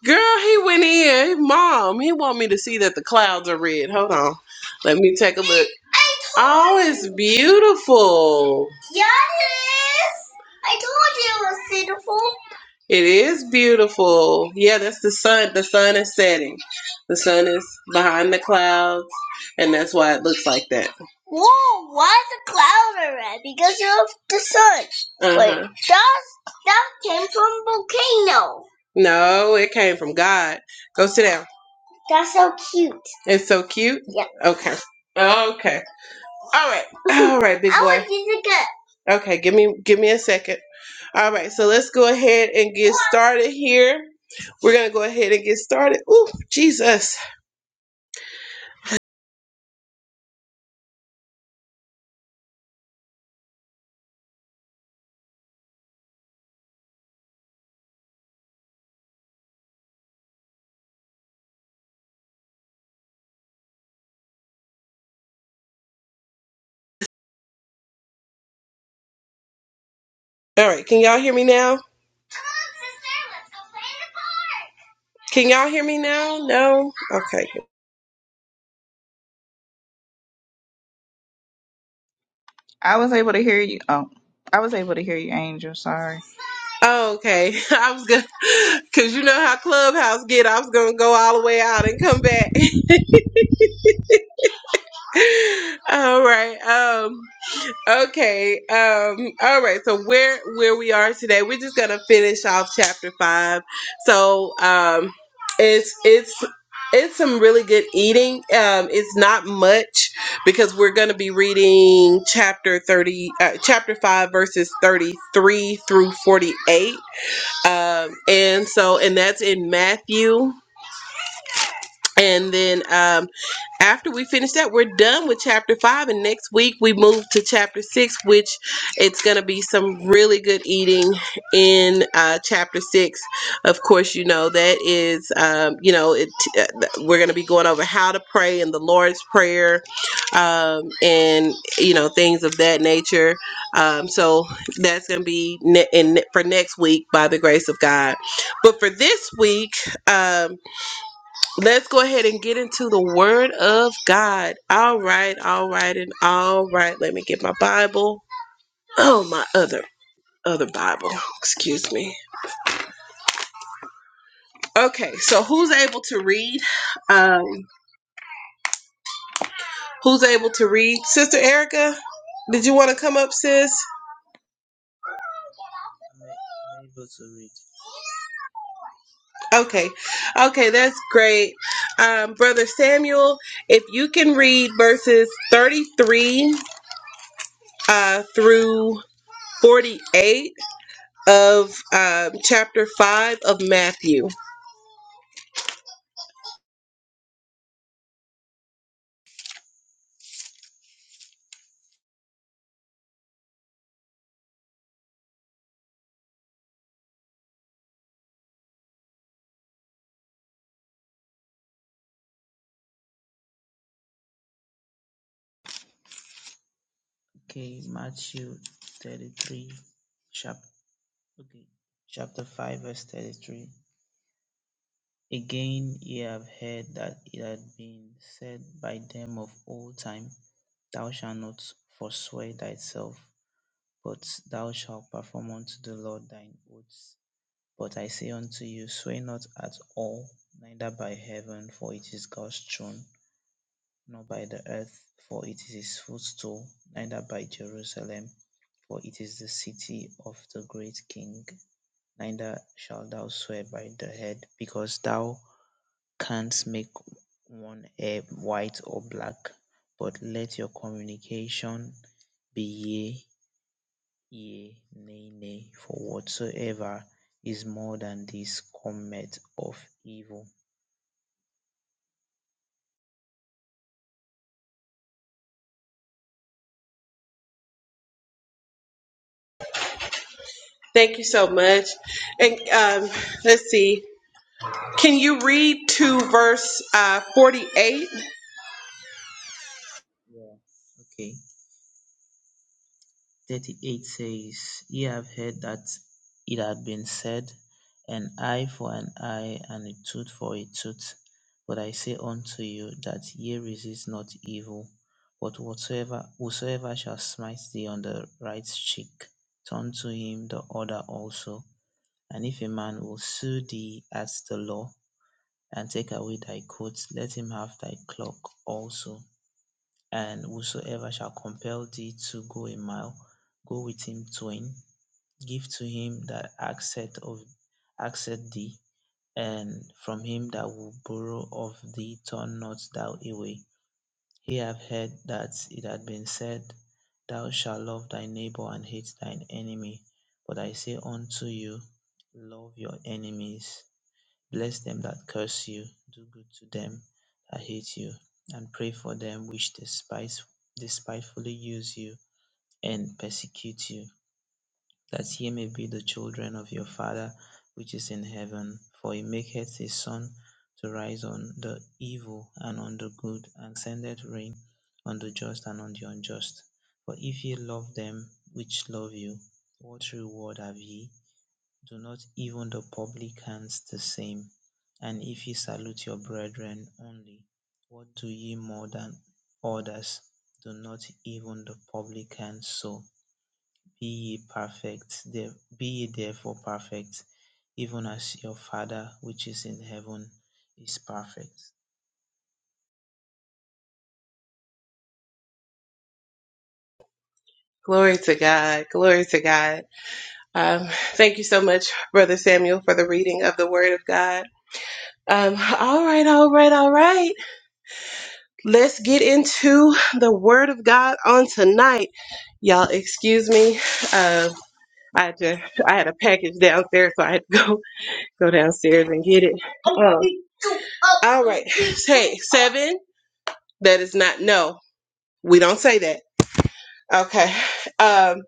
S1: Girl, he went in. Mom, he want me to see that the clouds are red. Hold on. Let me take a look. Oh, it's beautiful. It is beautiful. Yeah, that's the sun. The sun is setting. The sun is behind the clouds, and that's why it looks like that. Uh-huh. Wait, does? No, it came from God. Go sit down. It's so cute. Okay. Okay. All right. All right, big I boy. want Jessica. Okay, give me give me a second. All right, so let's go ahead and get started here. We're gonna go ahead and get started. Ooh, Jesus. All right, can y'all hear me now? Can y'all hear me now? No? Okay. Oh, okay. I was gonna cause you know how Clubhouse get, I was gonna go all the way out and come back. all right. Um Okay. Um, all right. So where where we are today, we're just gonna finish off chapter five. So um it's it's it's some really good eating. Um, it's not much because we're gonna be reading chapter thirty, uh, chapter five, verses thirty three through forty eight. Um, and so and that's in Matthew. And then um, after we finish that, we're done with chapter five, and next week we move to chapter six, which it's going to be some really good eating in uh, chapter six. Of course, you know that is, um, you know, it. Uh, we're going to be going over how to pray and the Lord's prayer, um, and you know things of that nature. Um, so that's going to be ne- in, for next week by the grace of God. But for this week. Um, Let's go ahead and get into the Word of God. All right, all right, and all right. Let me get my Bible. Oh, my other other Bible. Excuse me. Okay, so who's able to read? Um, who's able to read? Sister Erica, did you want to come up, sis?
S6: I'm, a- I'm able to read.
S1: Okay, okay, that's great. Um, Brother Samuel, if you can read verses thirty-three uh, through forty-eight. of um, chapter 5 of Matthew.
S6: Okay, Matthew 33, chap- okay, chapter 5, verse 33. Again ye have heard that it hath been said by them of old time, Thou shalt not forswear thyself, but thou shalt perform unto the Lord thine oaths. But I say unto you, swear not at all, neither by heaven, for it is God's throne, nor by the earth, for it is his footstool, neither by Jerusalem, for it is the city of the great king. Neither shalt thou swear by the head, because thou can't make one hair white or black, but let your communication be yea, yea, nay, nay, for whatsoever is more than this cometh of evil.
S1: Thank you so much. And um, let's see. Can you read to verse uh, 48?
S6: Yeah, okay. 38 says, Ye have heard that it had been said, An eye for an eye, and a tooth for a tooth. But I say unto you, that ye resist not evil, but whatsoever whosoever shall smite thee on the right cheek, turn to him the other also. And if a man will sue thee at the law, and take away thy coat, let him have thy cloak also. And whosoever shall compel thee to go a mile, go with him twain. Give to him that asketh of asketh thee, and from him that will borrow of thee turn not thou away. Ye have heard that it hath been said, Thou shalt love thy neighbor and hate thine enemy. But I say unto you, Love your enemies, Bless them that curse you, do good to them that hate you, and pray for them which despise, despitefully use you and persecute you, that ye may be the children of your Father which is in heaven. For he maketh his sun to rise on the evil and on the good, and sendeth rain on the just and on the unjust. For if ye love them which love you, what reward have ye? Do not even the publicans the same. And if ye salute your brethren only, what do ye more than others? Do not even the publicans so? Be ye perfect, be ye therefore perfect, even as your Father which is in heaven is perfect.
S1: Glory to God. Glory to God. Um, thank you so much, Brother Samuel, for the reading of the Word of God. Um, all right, all right, all right. Let's get into the Word of God on tonight. Y'all, excuse me. Uh, I just I had a package downstairs, so I had to go go downstairs and get it. Um, all right. Hey, seven. That is not no. We don't say that. Okay. Um,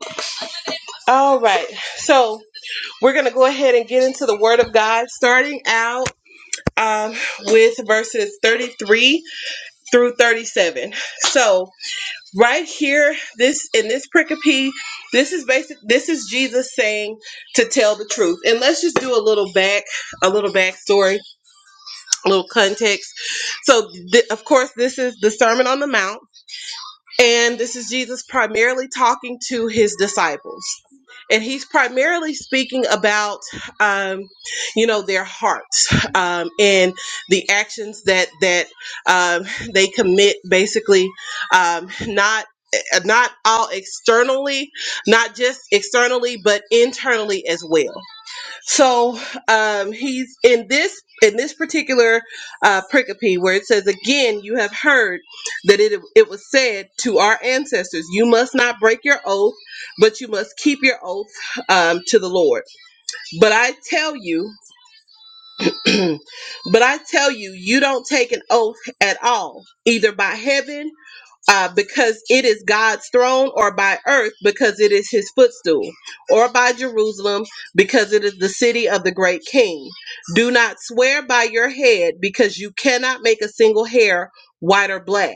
S1: all right. So we're gonna go ahead and get into the Word of God, starting out um, with verses thirty-three through thirty-seven. So right here this in this pericope this is basic this is jesus saying to tell the truth and let's just do a little back a little backstory a little context so th- of course this is the sermon on the mount and this is Jesus primarily talking to his disciples. And he's primarily speaking about, um, you know, their hearts um, and the actions that that um, they commit. Basically, um, not uh, not all externally, not just externally, but internally as well. So um, he's in this in this particular uh, pericope where it says, "Again, you have heard that it it was said to our ancestors, you must not break your oath, but you must keep your oath um, to the Lord. But I tell you, but I tell you, you don't take an oath at all, either by heaven." uh, because it is God's throne, or by earth, because it is his footstool, or by Jerusalem, because it is the city of the great king. Do not swear by your head, because you cannot make a single hair white or black.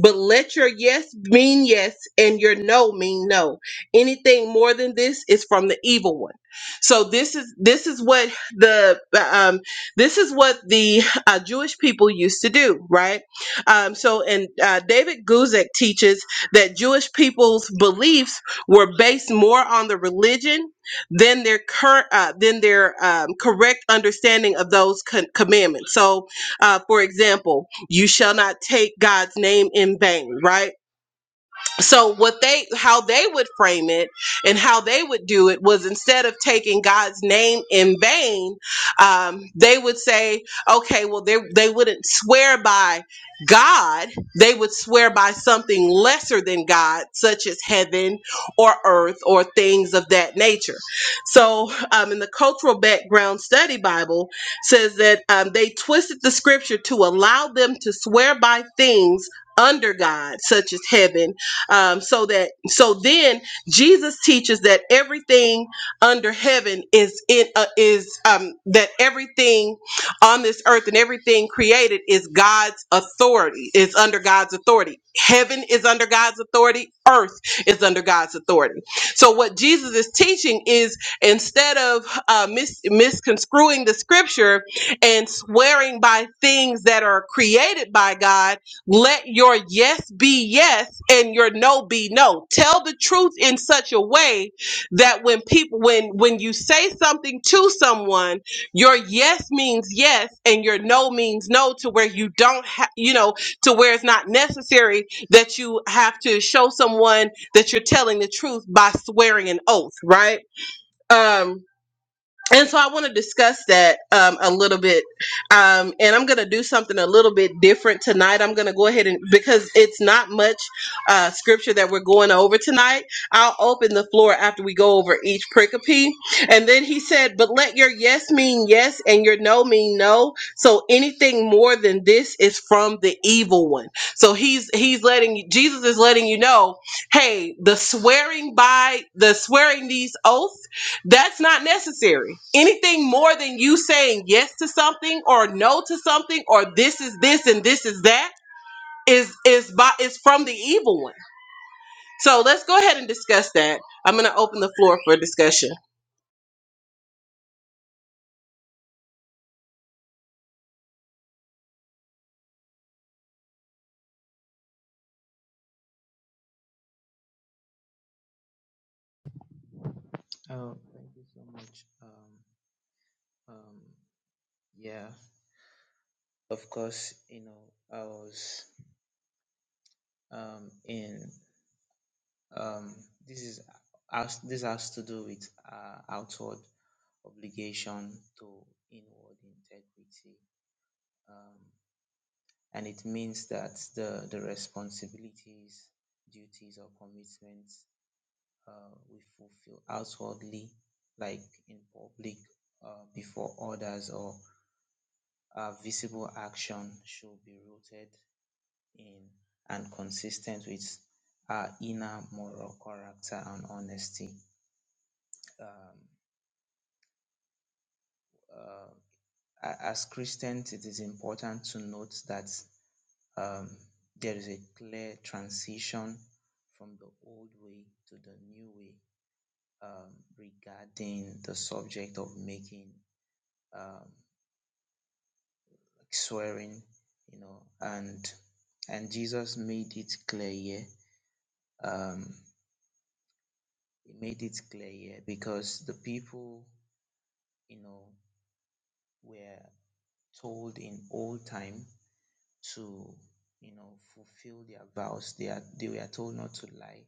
S1: But let your yes mean yes and your no mean no. Anything more than this is from the evil one. So this is this is what the um, this is what the uh, Jewish people used to do, right? Um, so and uh, David Guzik teaches that Jewish people's beliefs were based more on the religion than their current uh, than their um, correct understanding of those con- commandments. So, uh, for example. You shall not take God's name in vain, right? so what they how they would frame it and how they would do it was instead of taking god's name in vain um, they would say okay well they, they wouldn't swear by god they would swear by something lesser than god such as heaven or earth or things of that nature so um, in the cultural background study bible says that um, they twisted the scripture to allow them to swear by things under god such as heaven um, so that so then Jesus teaches that everything under heaven is in uh, is um, that everything on this earth and everything created is God's authority. It's under God's authority. Heaven is under God's authority. Earth is under God's authority. So what Jesus is teaching is instead of uh, mis- misconstruing the scripture and swearing by things that are created by God let your yes be yes and your no be no. Tell the truth in such a way that when people when when you say something to someone, your yes means yes and your no means no to where you don't ha- you know, to where it's not necessary that you have to show someone that you're telling the truth by swearing an oath, right? Um and so I want to discuss that um, a little bit, um, and I'm going to do something a little bit different tonight. I'm going to go ahead and because it's not much uh, scripture that we're going over tonight. I'll open the floor after we go over each pericope, and then he said, "But let your yes mean yes, and your no mean no. So anything more than this is from the evil one." So he's he's letting you, Jesus is letting you know, hey, the swearing by the swearing these oaths that's not necessary. Anything more than you saying yes to something or no to something or this is this and this is that is is by is from the evil one. So let's go ahead and discuss that. I'm going to open the floor for discussion.
S6: Oh, thank you so much. Um, um, yeah, of course, you know, I was um in Um, this is has this has to do with uh, outward obligation to inward integrity, um, and it means that the the responsibilities, duties, or commitments uh, we fulfill outwardly, like in public uh, before others, or our visible action should be rooted in and consistent with our inner moral character and honesty. Um, um as Christians, it is important to note that um, there is a clear transition from the old way to the new way um, regarding the subject of making um, like swearing, you know, and and Jesus made it clear here. Um, he made it clear here because the people, you know, were told in old time to you know fulfill their vows. They are they were told not to lie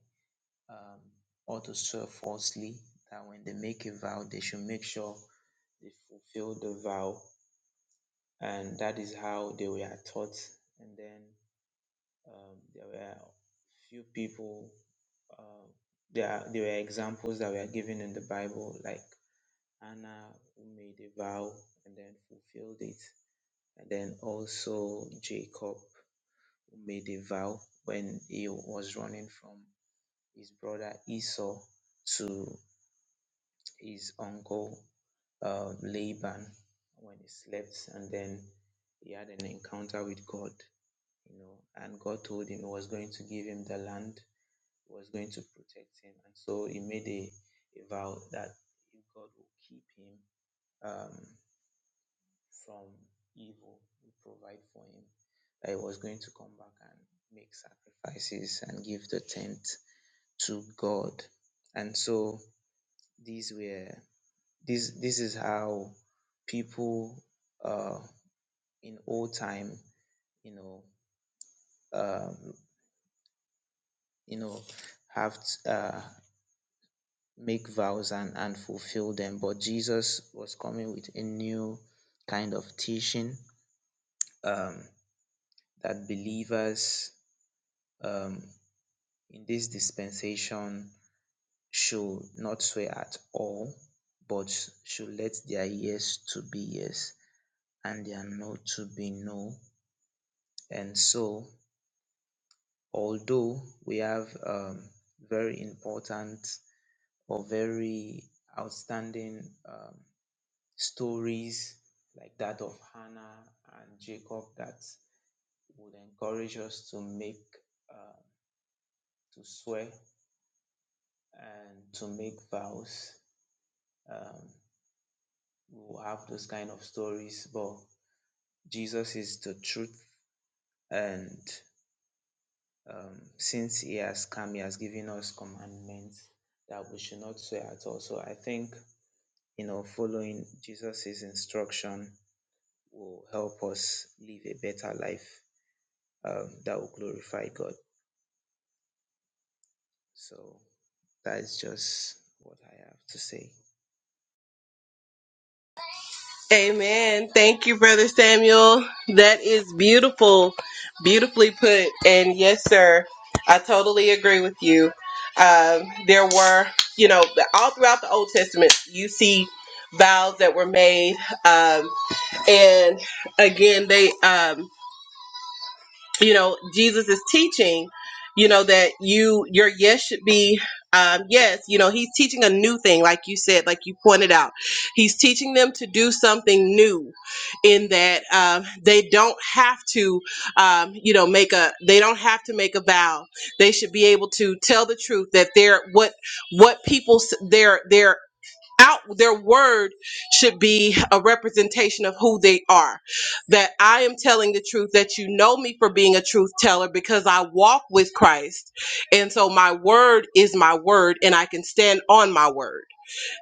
S6: um, or to swear falsely. That when they make a vow, they should make sure they fulfill the vow, and that is how they were taught. And then um, there were few people. Uh, there are- there were examples that were given in the Bible, like Anna who made a vow and then fulfilled it, and then also Jacob who made a vow when he was running from his brother Esau to his uncle uh, Laban when he slept, and then he had an encounter with God, you know, and God told him he was going to give him the land, he was going to protect him, and so he made a, a vow that if God will keep him, um, from evil. You provide for him. That he was going to come back and make sacrifices and give the tenth to God. And so these were this this is how people uh in old time, you know, um, you know, have t- uh make vows and, and fulfill them. But Jesus was coming with a new kind of teaching um that believers um. in this dispensation should not swear at all, but should let their yes to be yes and their no to be no. And so, although we have um, very important or very outstanding um, stories like that of Hannah and Jacob that would encourage us to make, uh, to swear and to make vows. Um, we will have those kind of stories, but Jesus is the truth. And um, since He has come, He has given us commandments that we should not swear at all. So I think, you know, following Jesus's instruction will help us live a better life um, that will glorify God. So that is just what I have to say.
S1: Amen. Thank you brother Samuel. That is beautiful. Beautifully put. And yes sir, I totally agree with you. Um there were, you know, all throughout the Old Testament, you see vows that were made Um, and again they um you know jesus is teaching you know that you your yes should be um yes you know he's teaching a new thing like you said like you pointed out he's teaching them to do something new in that um, they don't have to um, you know make a they don't have to make a vow they should be able to tell the truth that they're what what people s- their their out their word should be a representation of who they are that i am telling the truth that you know me for being a truth teller because i walk with christ and so my word is my word and i can stand on my word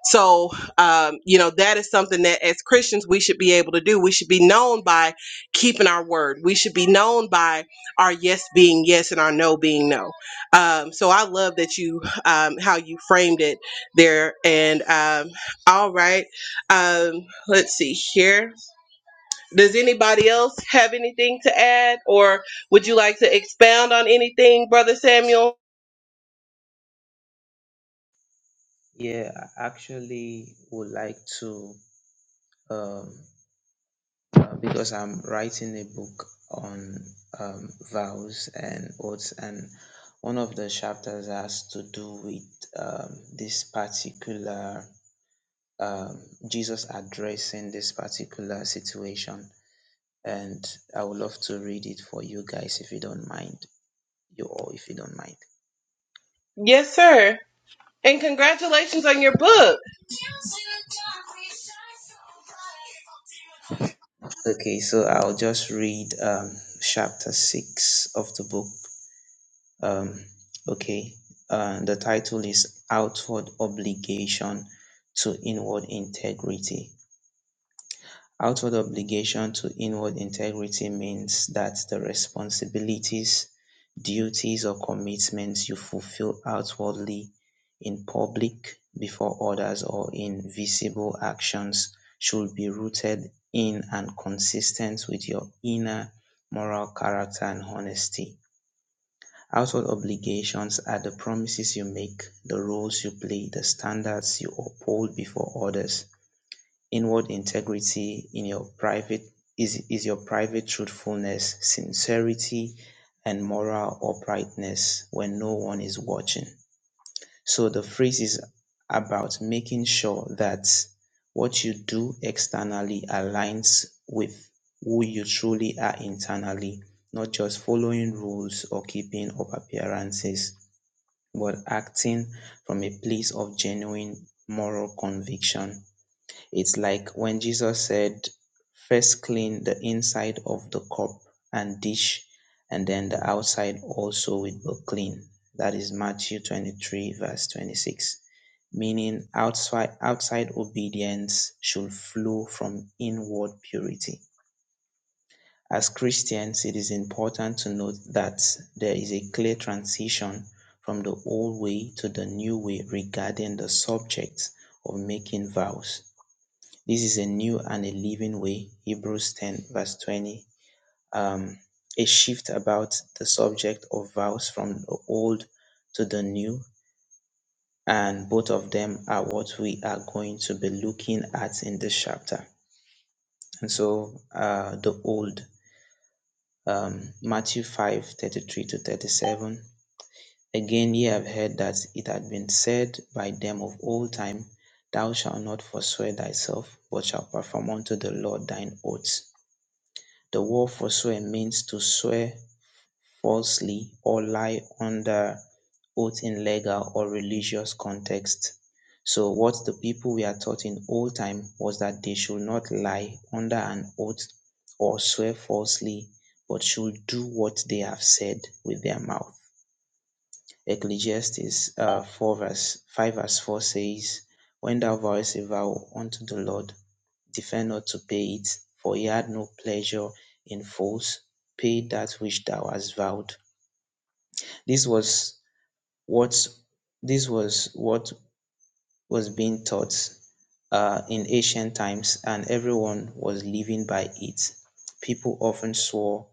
S1: so, um, you know, that is something that as Christians we should be able to do. We should be known by keeping our word. We should be known by our yes being yes and our no being no. Um, so I love that you um, how you framed it there. And um, all right, um, let's see here. Does anybody else have anything to add, or would you like to expound on anything, Brother Samuel?
S6: Yeah, I actually would like to um, uh, because I'm writing a book on um, vows and oaths, and one of the chapters has to do with um, this particular um, Jesus addressing this particular situation. And I would love to read it for you guys if you don't mind, you all if you don't mind.
S1: Yes, sir. And congratulations on your book.
S6: Okay, so I'll just read um, chapter 6 of the book um okay uh the title is outward obligation to inward integrity outward obligation to inward integrity means that the responsibilities duties or commitments you fulfill outwardly in public before others or in visible actions should be rooted in and consistent with your inner moral character and honesty Household obligations are the promises you make, the roles you play, the standards you uphold before others. Inward integrity in your private is, is your private truthfulness, sincerity, and moral uprightness when no one is watching. So the phrase is about making sure that what you do externally aligns with who you truly are internally, not just following rules or keeping up appearances but acting from a place of genuine moral conviction. It's like when Jesus said, First clean the inside of the cup and dish, and then the outside also will be clean. That is Matthew 23, verse 26. Meaning, outside, outside obedience should flow from inward purity. As Christians, it is important to note that there is a clear transition from the old way to the new way regarding the subject of making vows. This is a new and a living way, Hebrews 10, verse 20. Um, a shift about the subject of vows from the old to the new, and both of them are what we are going to be looking at in this chapter. And so, uh, the old um, Matthew 5 33 to 37. Again, ye have heard that it had been said by them of old time, Thou shalt not forswear thyself, but shalt perform unto the Lord thine oaths. The word forswear means to swear falsely or lie under oath in legal or religious context. So what the people were taught in old time was that they should not lie under an oath or swear falsely, but should do what they have said with their mouth. Ecclesiastes uh, 4 verse 5 verse 4 says, When thou vowest a vow unto the Lord, defer not to pay it, for he had no pleasure in false. Pay that which thou hast vowed. This was what this was what was being taught uh, in ancient times, and everyone was living by it. People often swore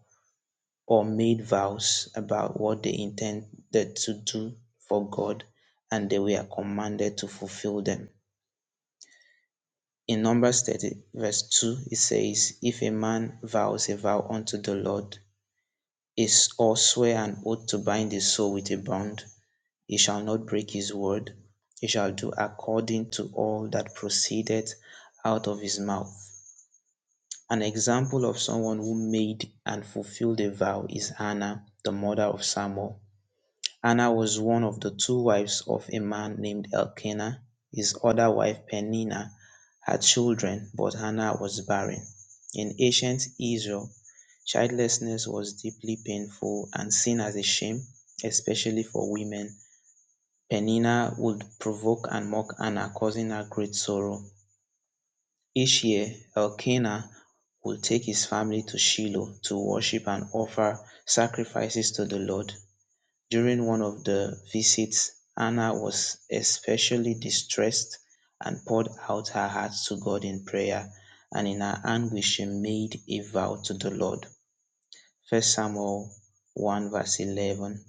S6: or made vows about what they intended to do for God, and they were commanded to fulfill them. In Numbers 30, verse 2, it says, If a man vows a vow unto the Lord, is or swear an oath to bind his soul with a bond, He shall not break his word. He shall do according to all that proceedeth out of his mouth. An example of someone who made and fulfilled a vow is Hannah, the mother of Samuel. Hannah was one of the two wives of a man named Elkanah. His other wife, Peninnah, had children, but Hannah was barren. In ancient Israel, childlessness was deeply painful and seen as a shame, especially for women. Peninnah would provoke and mock Anna, causing her great sorrow. Each year, Elkanah would take his family to Shiloh to worship and offer sacrifices to the Lord. During one of the visits, Anna was especially distressed and poured out her heart to God in prayer, and in her anguish she made a vow to the Lord. First Samuel 1 verse 11.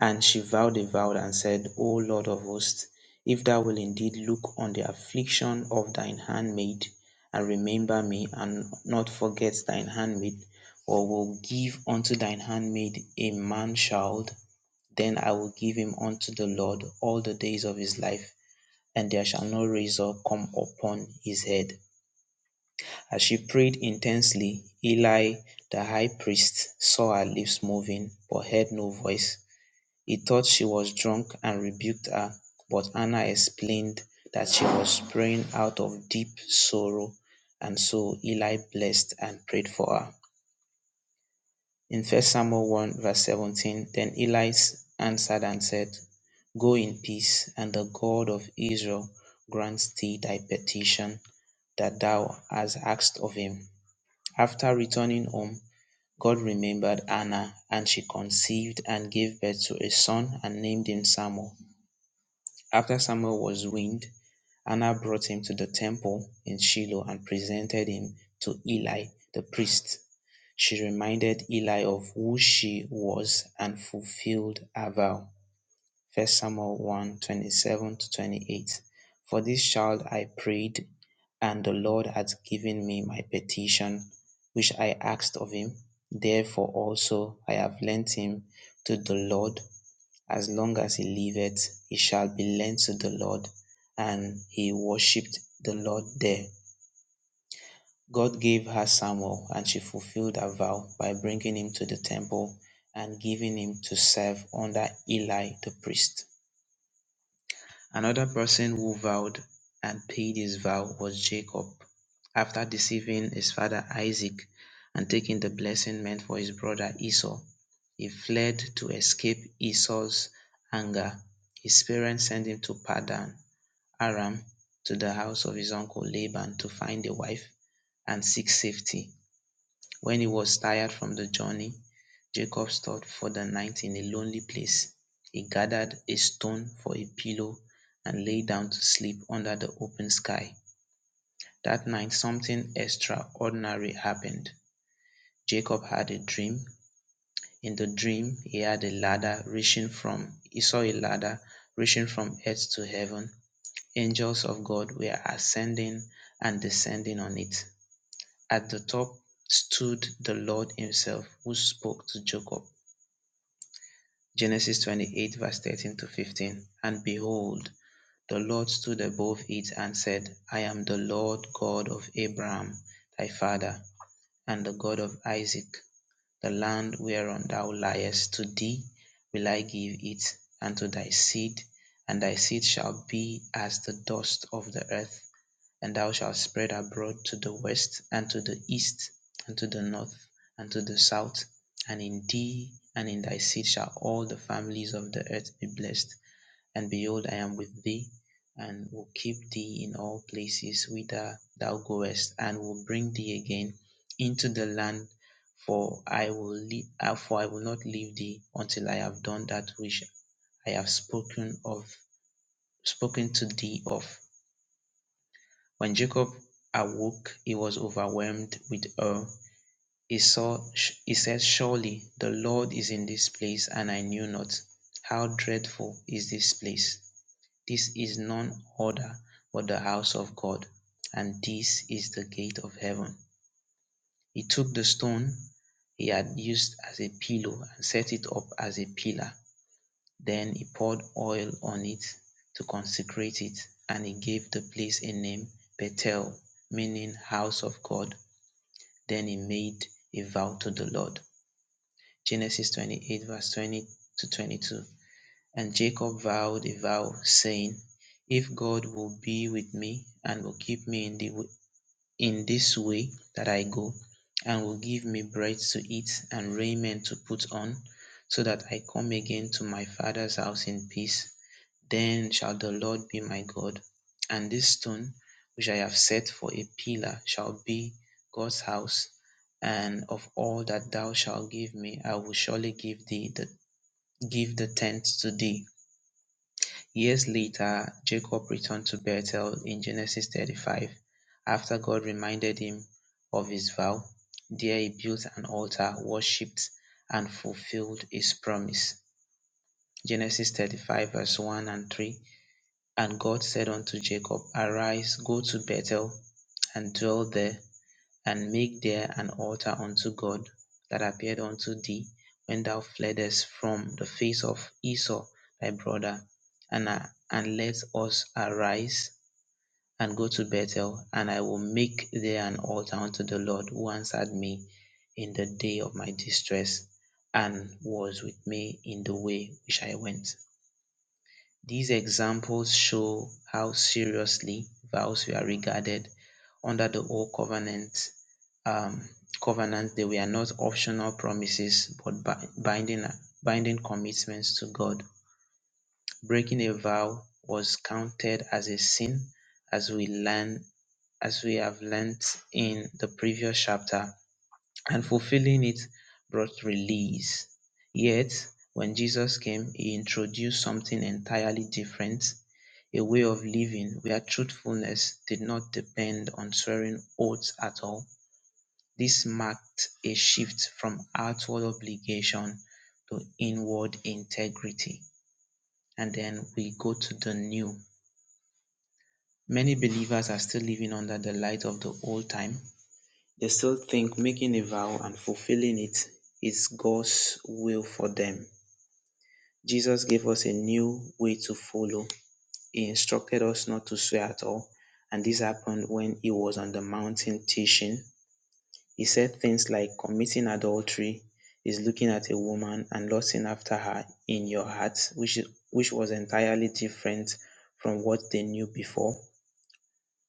S6: And she vowed a vow and said, O Lord of hosts, if thou will indeed look on the affliction of thine handmaid, and remember me, and not forget thine handmaid, or will give unto thine handmaid a man child, then I will give him unto the Lord all the days of his life, and there shall no razor come upon his head. As she prayed intensely, Eli, the high priest, saw her lips moving, but heard no voice. He thought she was drunk and rebuked her, but Anna explained that she was praying out of deep sorrow, and so Eli blessed and prayed for her. In First Samuel 1, verse 17, then Eli answered and said, Go in peace, and the God of Israel grants thee thy petition that thou hast asked of him. After returning home, God remembered Anna, and she conceived and gave birth to a son and named him Samuel. After Samuel was weaned, Anna brought him to the temple in Shiloh and presented him to Eli the priest. She reminded Eli of who she was and fulfilled her vow. 1 Samuel 1 twenty-seven to 28. For this child I prayed, and the Lord has given me my petition, which I asked of him. Therefore also I have lent him to the Lord as long as he liveth, he shall be lent to the Lord. And he worshipped the Lord there. God gave her Samuel, and she fulfilled her vow by bringing him to the temple and giving him to serve under Eli the priest. Another person who vowed and paid his vow was Jacob, after deceiving his father Isaac and taking the blessing meant for his brother Esau. He fled to escape Esau's anger. His parents sent him to Padan Aram to the house of his uncle Laban to find a wife and seek safety. When he was tired from the journey, Jacob stopped for the night in a lonely place. He gathered a stone for a pillow and lay down to sleep under the open sky. That night, something extraordinary happened. Jacob had a dream. In the dream, he had a ladder reaching from, he saw a ladder reaching from earth to heaven. Angels of God were ascending and descending on it. At the top stood the Lord himself, who spoke to Jacob (Genesis twenty-eight, verse thirteen to 15 And behold, the Lord stood above it and said, I am the Lord God of Abraham thy father, and the God of Isaac. The land whereon thou liest, to thee will I give it, and to thy seed, and thy seed shall be as the dust of the earth and thou shalt spread abroad to the west, and to the east, and to the north, and to the south. And in thee and in thy seed shall all the families of the earth be blessed. And behold, I am with thee, and will keep thee in all places whither thou goest, and will bring thee again into the land. For I will leave, for I will not leave thee until I have done that which I have spoken of, spoken to thee of. When Jacob awoke, he was overwhelmed with awe. He, saw, he said, Surely the Lord is in this place, and I knew not. How dreadful is this place! This is none other but the house of God, and this is the gate of heaven. He took the stone he had used as a pillow and set it up as a pillar then he poured oil on it to consecrate it, and he gave the place a name, Bethel, meaning house of God. Then he made a vow to the Lord. Genesis 28, verse 20 to 22. And Jacob vowed a vow, saying, If God will be with me and will keep me in, the, w- in this way that I go, and will give me bread to eat and raiment to put on, so that I come again to my father's house in peace, then shall the Lord be my God, and this stone which I have set for a pillar shall be God's house, and of all that thou shalt give me I will surely give thee the give the tenth to thee. Years later Jacob returned to Bethel in Genesis 35 after God reminded him of his vow. There he built an altar, worshipped, and fulfilled his promise. Genesis 35 verse 1 and 3 and God said unto Jacob, Arise, go to Bethel, and dwell there, and make there an altar unto God that appeared unto thee when thou fleddest from the face of Esau thy brother. And, I- and let us arise and go to Bethel, and I will make there an altar unto the Lord who answered me in the day of my distress, and was with me in the way which I went. These examples show how seriously vows were regarded under the Old Covenant um, covenant they were not optional promises but bi- binding binding commitments to God. Breaking a vow was counted as a sin as we learn as we have learnt in the previous chapter and fulfilling it brought release. Yet, when Jesus came, he introduced something entirely different a way of living where truthfulness did not depend on swearing oaths at all. This marked a shift from outward obligation to inward integrity. And then we go to the new. Many believers are still living under the light of the old time, They still think making a vow and fulfilling it is God's will for them. Jesus gave us a new way to follow. He instructed us not to swear at all, and this happened when he was on the mountain teaching. He said things like committing adultery is looking at a woman and lusting after her in your heart, which which was entirely different from what they knew before.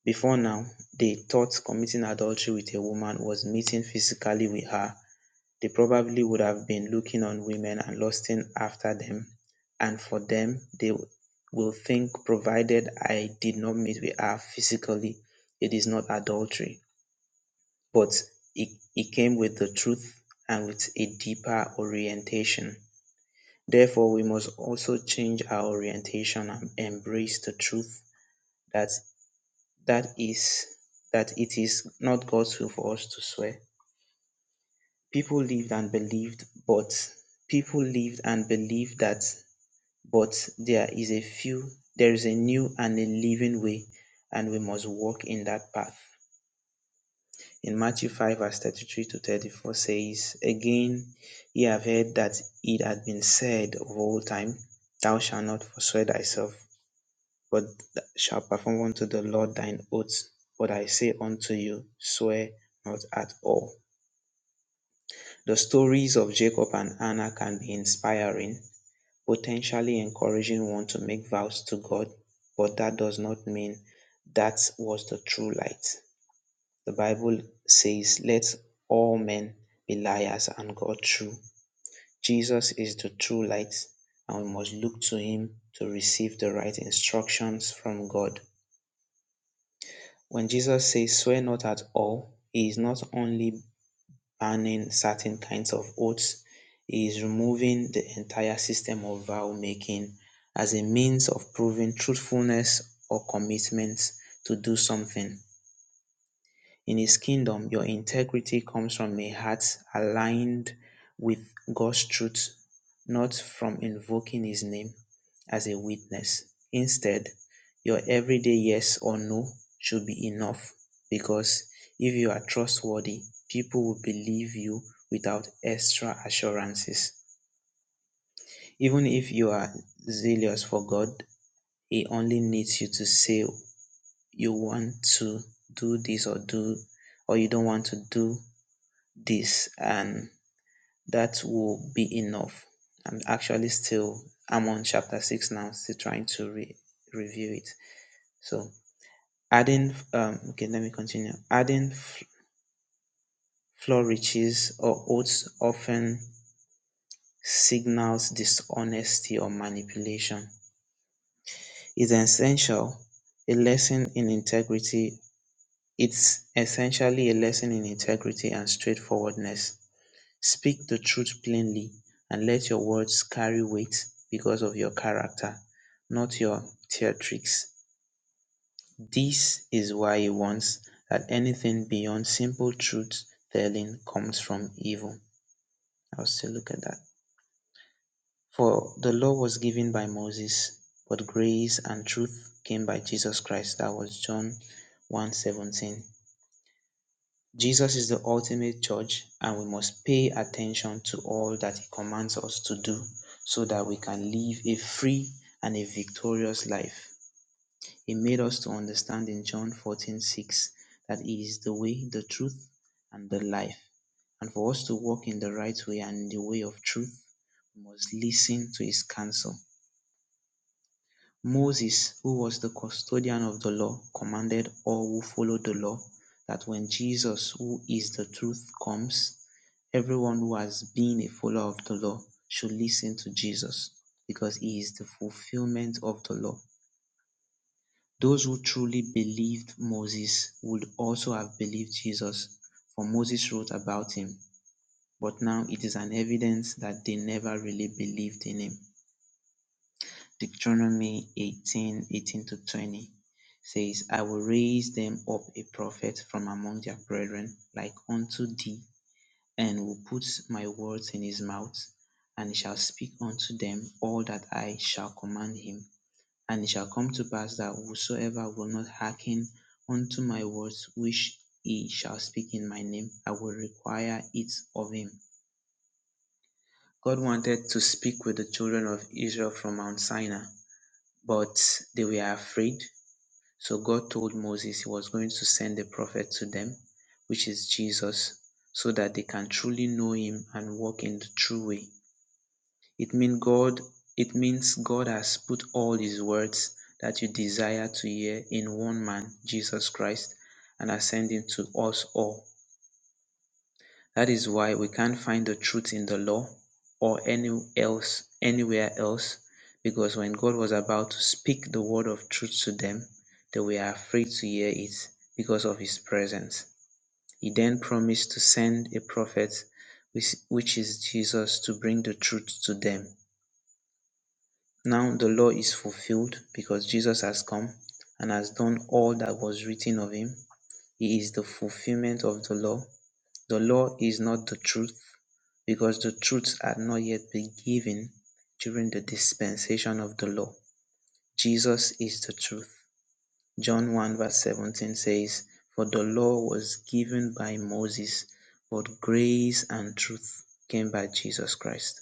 S6: Before now, they thought committing adultery with a woman was meeting physically with her they probably would have been looking on women and lusting after them and for them they will think provided i did not meet with her physically it is not adultery but it, it came with the truth and with a deeper orientation therefore we must also change our orientation and embrace the truth that that is that it is not god's will for us to swear people lived and believed but people lived and believed that but there is a few, there is a new and a living way and we must walk in that path. In Matthew 5 verse 33 to 34 says, Again ye have heard that it had been said of old time, Thou shalt not forswear thyself, but thou shalt perform unto the Lord thine oaths. But I say unto you, swear not at all The stories of Jacob and Anna can be inspiring, potentially encouraging one to make vows to God, but that does not mean that was the true light. The Bible says, Let all men be liars and God true. Jesus is the true light, and we must look to him to receive the right instructions from God. When Jesus says, Swear not at all, he is not only banning certain kinds of oaths He is removing the entire system of vow making as a means of proving truthfulness or commitment to do something in His kingdom, your integrity comes from a heart aligned with God's truth, not from invoking His name as a witness. Instead, your everyday yes or no should be enough because if you are trustworthy, people will believe you without extra assurances. Even if you are zealous for God, He only needs you to say you want to do this or do or you don't want to do this and that will be enough. I'm actually still I'm on chapter six now, still trying to re- review it. So adding um okay, let me continue. Adding f- flourishes or oaths often signals dishonesty or manipulation. It's essential a lesson in integrity. It's essentially a lesson in integrity and straightforwardness. Speak the truth plainly and let your words carry weight because of your character, not your theatrics. This is why he wants that anything beyond simple truth telling comes from evil. I'll still look at that. For the law was given by Moses, but grace and truth came by Jesus Christ. That was John one seventeen. Jesus is the ultimate judge and we must pay attention to all that he commands us to do so that we can live a free and a victorious life. He made us to understand in John 14:6 that he is the way, the truth, and the life. And for us to walk in the right way and in the way of truth, we must listen to his counsel Moses, who was the custodian of the law, commanded all who follow the law that when Jesus, who is the truth, comes, everyone who has been a follower of the law should listen to Jesus because he is the fulfillment of the law. Those who truly believed Moses would also have believed Jesus, for Moses wrote about him, but now it is an evidence that they never really believed in him. Deuteronomy eighteen eighteen to 20 says, I will raise them up a prophet from among their brethren, like unto thee, and will put my words in his mouth, and he shall speak unto them all that I shall command him. And it shall come to pass that whosoever will not hearken unto my words which he shall speak in my name, I will require it of him. God wanted to speak with the children of Israel from Mount Sinai but they were afraid. So God told Moses he was going to send a prophet to them, which is Jesus, so that they can truly know him and walk in the true way. It means God it means God has put all his words that you desire to hear in one man, Jesus Christ, and has sent him to us all. That is why we can't find the truth in the law or any else anywhere else because when God was about to speak the word of truth to them, they were afraid to hear it because of his presence. He then promised to send a prophet which which is Jesus to bring the truth to them. Now the law is fulfilled because Jesus has come and has done all that was written of him. He is the fulfillment of the law the law is not the truth because the truths had not yet been given during the dispensation of the law. Jesus is the truth. John 1 verse 17 says, For the law was given by Moses, but grace and truth came by Jesus Christ.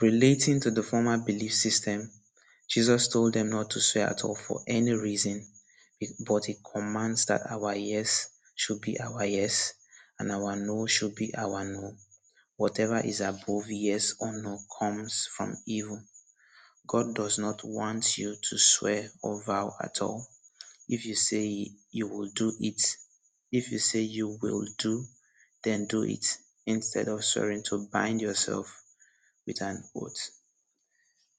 S6: Relating to the former belief system, Jesus told them not to swear at all for any reason, but he commands that our yes should be our yes and our no should be our no. Whatever is above yes or no comes from evil. God does not want you to swear or vow at all. If you say you will do it, if you say you will do, then do it instead of swearing to bind yourself with an oath.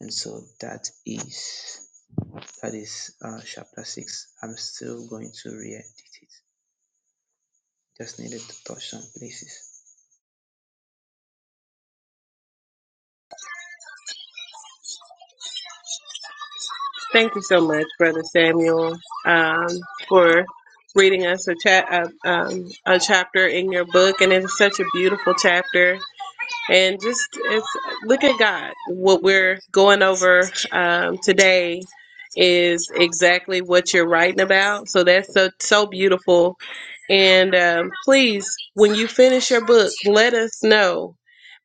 S6: And so that is that is uh, chapter six. I'm still going to re-edit it. Just needed to touch some places.
S1: Thank you so much, Brother Samuel, um, for reading us a, cha- a, um, a chapter in your book. And it's such a beautiful chapter and just it's look at God. What we're going over um, today is exactly what you're writing about. So that's so so beautiful. And um, please, when you finish your book, let us know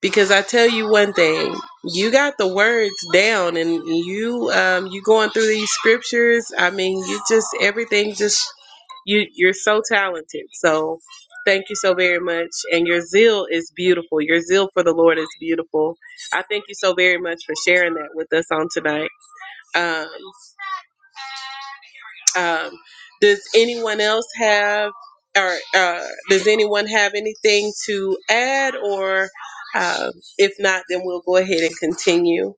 S1: because I tell you one thing: you got the words down, and you um, you going through these scriptures. I mean, you just everything just you you're so talented. So Thank you so very much. And your zeal is beautiful. Your zeal for the Lord is beautiful. I thank you so very much for sharing that with us on tonight. Um, um, does anyone else have, or uh, does anyone have anything to add? Or um, if not, then we'll go ahead and continue.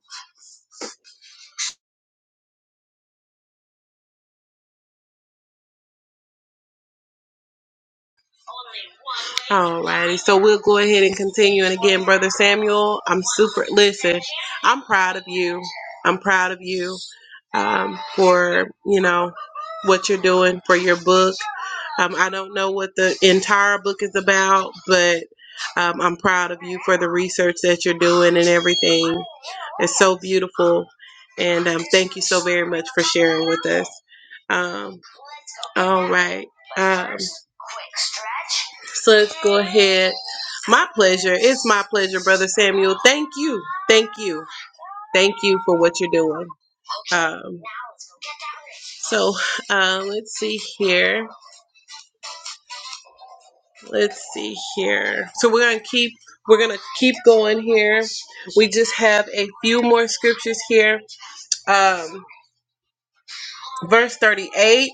S1: Alrighty, so we'll go ahead and continue. And again, Brother Samuel, I'm super, listen, I'm proud of you. I'm proud of you. um, for you know what you're doing for your book. Um, I don't know what the entire book is about, but um, I'm proud of you for the research that you're doing and everything. It's so beautiful, and um, thank you so very much for sharing with us. Um, all right, um, so let's go ahead. My pleasure. It's my pleasure, brother Samuel. Thank you, thank you, thank you for what you're doing. Um, so uh, let's see here. Let's see here. So we're gonna keep we're gonna keep going here. We just have a few more scriptures here. Um, verse thirty-eight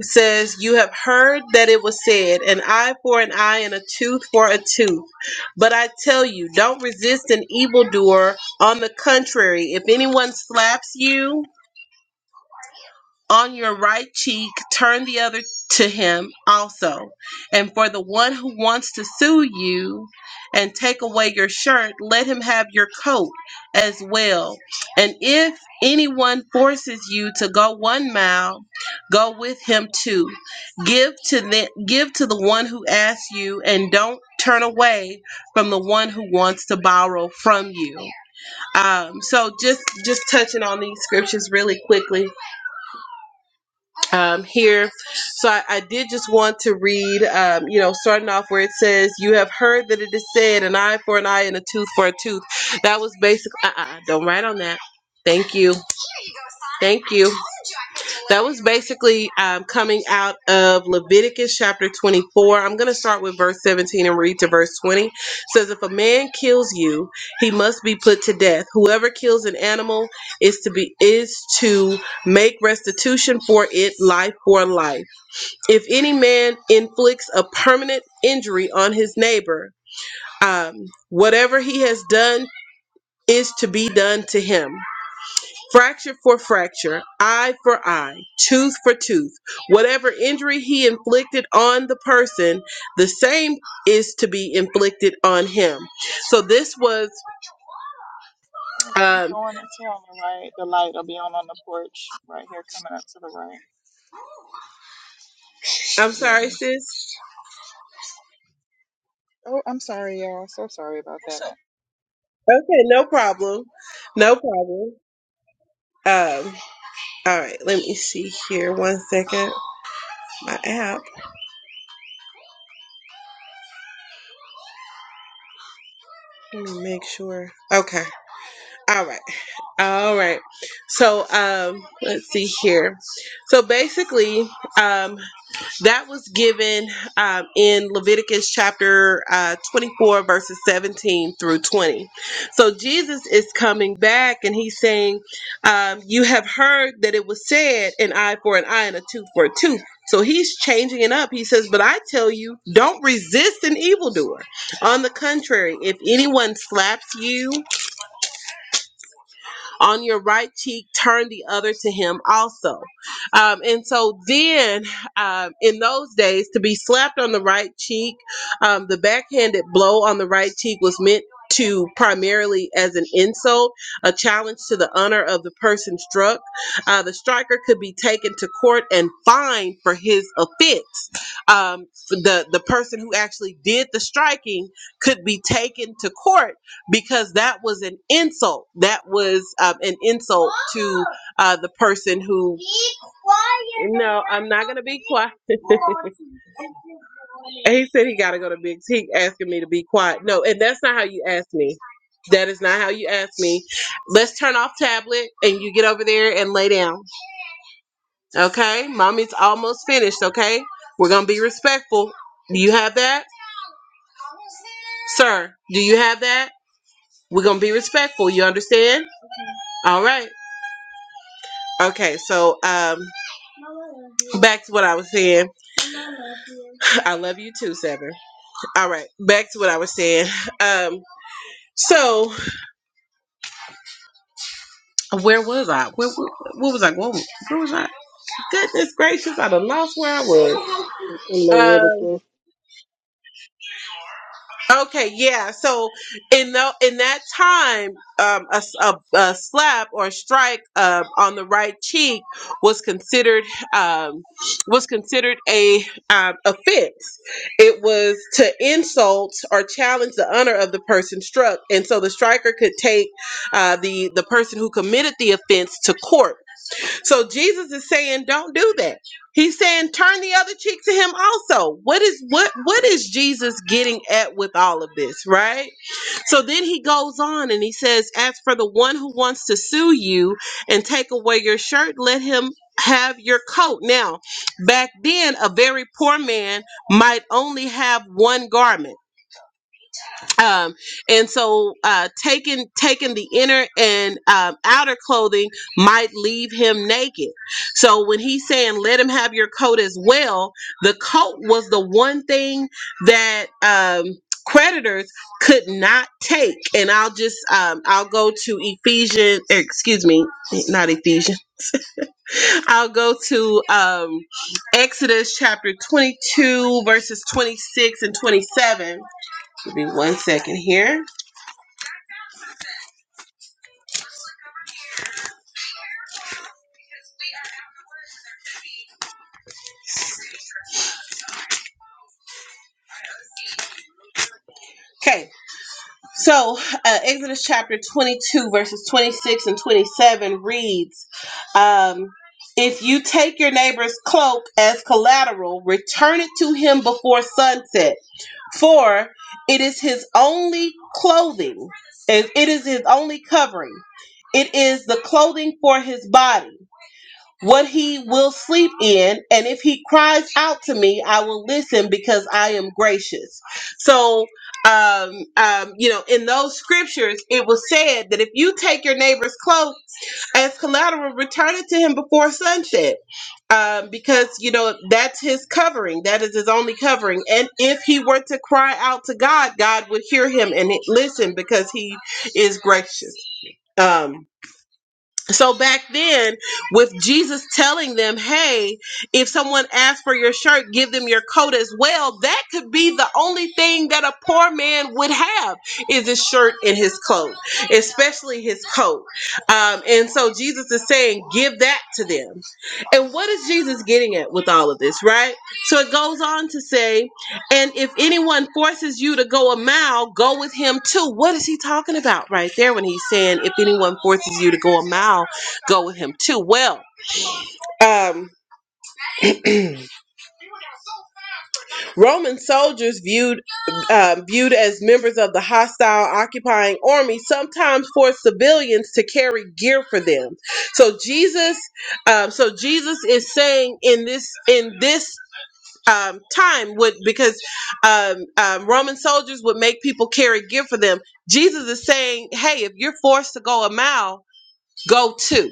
S1: says, "You have heard that it was said, an eye for an eye and a tooth for a tooth. But I tell you, don't resist an evildoer. On the contrary, if anyone slaps you." on your right cheek, turn the other to him also. And for the one who wants to sue you and take away your shirt, let him have your coat as well. And if anyone forces you to go one mile, go with him too. Give to the, give to the one who asks you, and don't turn away from the one who wants to borrow from you. Um, so just just touching on these scriptures really quickly um, here. So I, I did just want to read, um, you know, starting off where it says, You have heard that it is said, an eye for an eye and a tooth for a tooth. That was basic. uh uh, uh, don't write on that. Thank you. Thank you. That was basically um, coming out of Leviticus chapter 24. I'm going to start with verse 17 and read to verse 20. It says, If a man kills you, he must be put to death. Whoever kills an animal is to be is to make restitution for it, life for life. If any man inflicts a permanent injury on his neighbor, um, whatever he has done is to be done to him. Fracture for fracture, eye for eye, tooth for tooth. Whatever injury he inflicted on the person, the same is to be inflicted on him. So this was, um, I'm sorry, sis. Okay, no problem. No problem. Um, all right, let me see here. One second. My app. Let me make sure. Okay. All right. All right. So um let's see here. So basically, um that was given um, in Leviticus chapter uh, 24, verses 17 through 20. So Jesus is coming back and he's saying, um, You have heard that it was said, an eye for an eye and a tooth for a tooth. So he's changing it up. He says, But I tell you, don't resist an evildoer. On the contrary, if anyone slaps you, on your right cheek, turn the other to him also. Um, and so then, um, in those days, to be slapped on the right cheek, um, the backhanded blow on the right cheek was meant to primarily as an insult, a challenge to the honor of the person struck. Uh, the striker could be taken to court and fined for his offense. Um, the the person who actually did the striking could be taken to court because that was an insult. That was um, an insult to uh, the person who. No, I'm not gonna be quiet. he said he gotta go to Big T, asking me to be quiet. No, and that's not how you ask me. That is not how you ask me. Let's turn off tablet and you get over there and lay down. Okay, mommy's almost finished. Okay, we're gonna be respectful. Do you have that, sir? Do you have that? We're gonna be respectful. You understand? All right. Okay, so um back to what I was saying. I love you too, Seven. All right, back to what I was saying. Um so where was I? Where, where, where was I going? Where was I? Goodness gracious, I done lost where I was.
S5: In
S1: Um,
S5: Leviticus,
S1: Okay, yeah. So in the in that time, um, a, s- a- a slap or a strike uh, on the right cheek was considered um, was considered a um, offense. It was to insult or challenge the honor of the person struck, and so the striker could take uh, the the person who committed the offense to court so Jesus is saying, don't do that. He's saying, turn the other cheek to him also. What is what what is Jesus getting at with all of this, right? So then he goes on and he says, as for the one who wants to sue you and take away your shirt, let him have your coat. Now, back then, a very poor man might only have one garment um and so uh taking taking the inner and um, outer clothing might leave him naked so when he's saying let him have your coat as well the coat was the one thing that um creditors could not take and i'll just um i'll go to ephesians excuse me not ephesians i'll go to um exodus chapter 22 verses 26 and 27 give me one second here Okay, so uh, Exodus chapter 22, verses 26 and 27 reads um, If you take your neighbor's cloak as collateral, return it to him before sunset, for it is his only clothing, it it is his only covering. It is the clothing for his body what he will sleep in, and if he cries out to me, I will listen because I am gracious. So, um, um, you know, in those scriptures, it was said that if you take your neighbor's cloak as collateral, return it to him before sunset, um, because you know that's his covering. That is his only covering. And if he were to cry out to God, God would hear him and listen because he is gracious. Um, so back then, with Jesus telling them, hey, if someone asks for your shirt, give them your coat as well, that could be the only thing that a poor man would have is his shirt and his coat, especially his coat. Um, and so Jesus is saying, give that to them. And what is Jesus getting at with all of this, right? So it goes on to say, and if anyone forces you to go a mile, go with him too. What is he talking about right there when he's saying, if anyone forces you to go a mile, go with him too? Well, um, Roman soldiers viewed uh, viewed as members of the hostile occupying army sometimes forced civilians to carry gear for them. So Jesus, um, so Jesus is saying in this in this um, time would because um, um, Roman soldiers would make people carry gear for them. Jesus is saying, "Hey, if you're forced to go a mile, go two.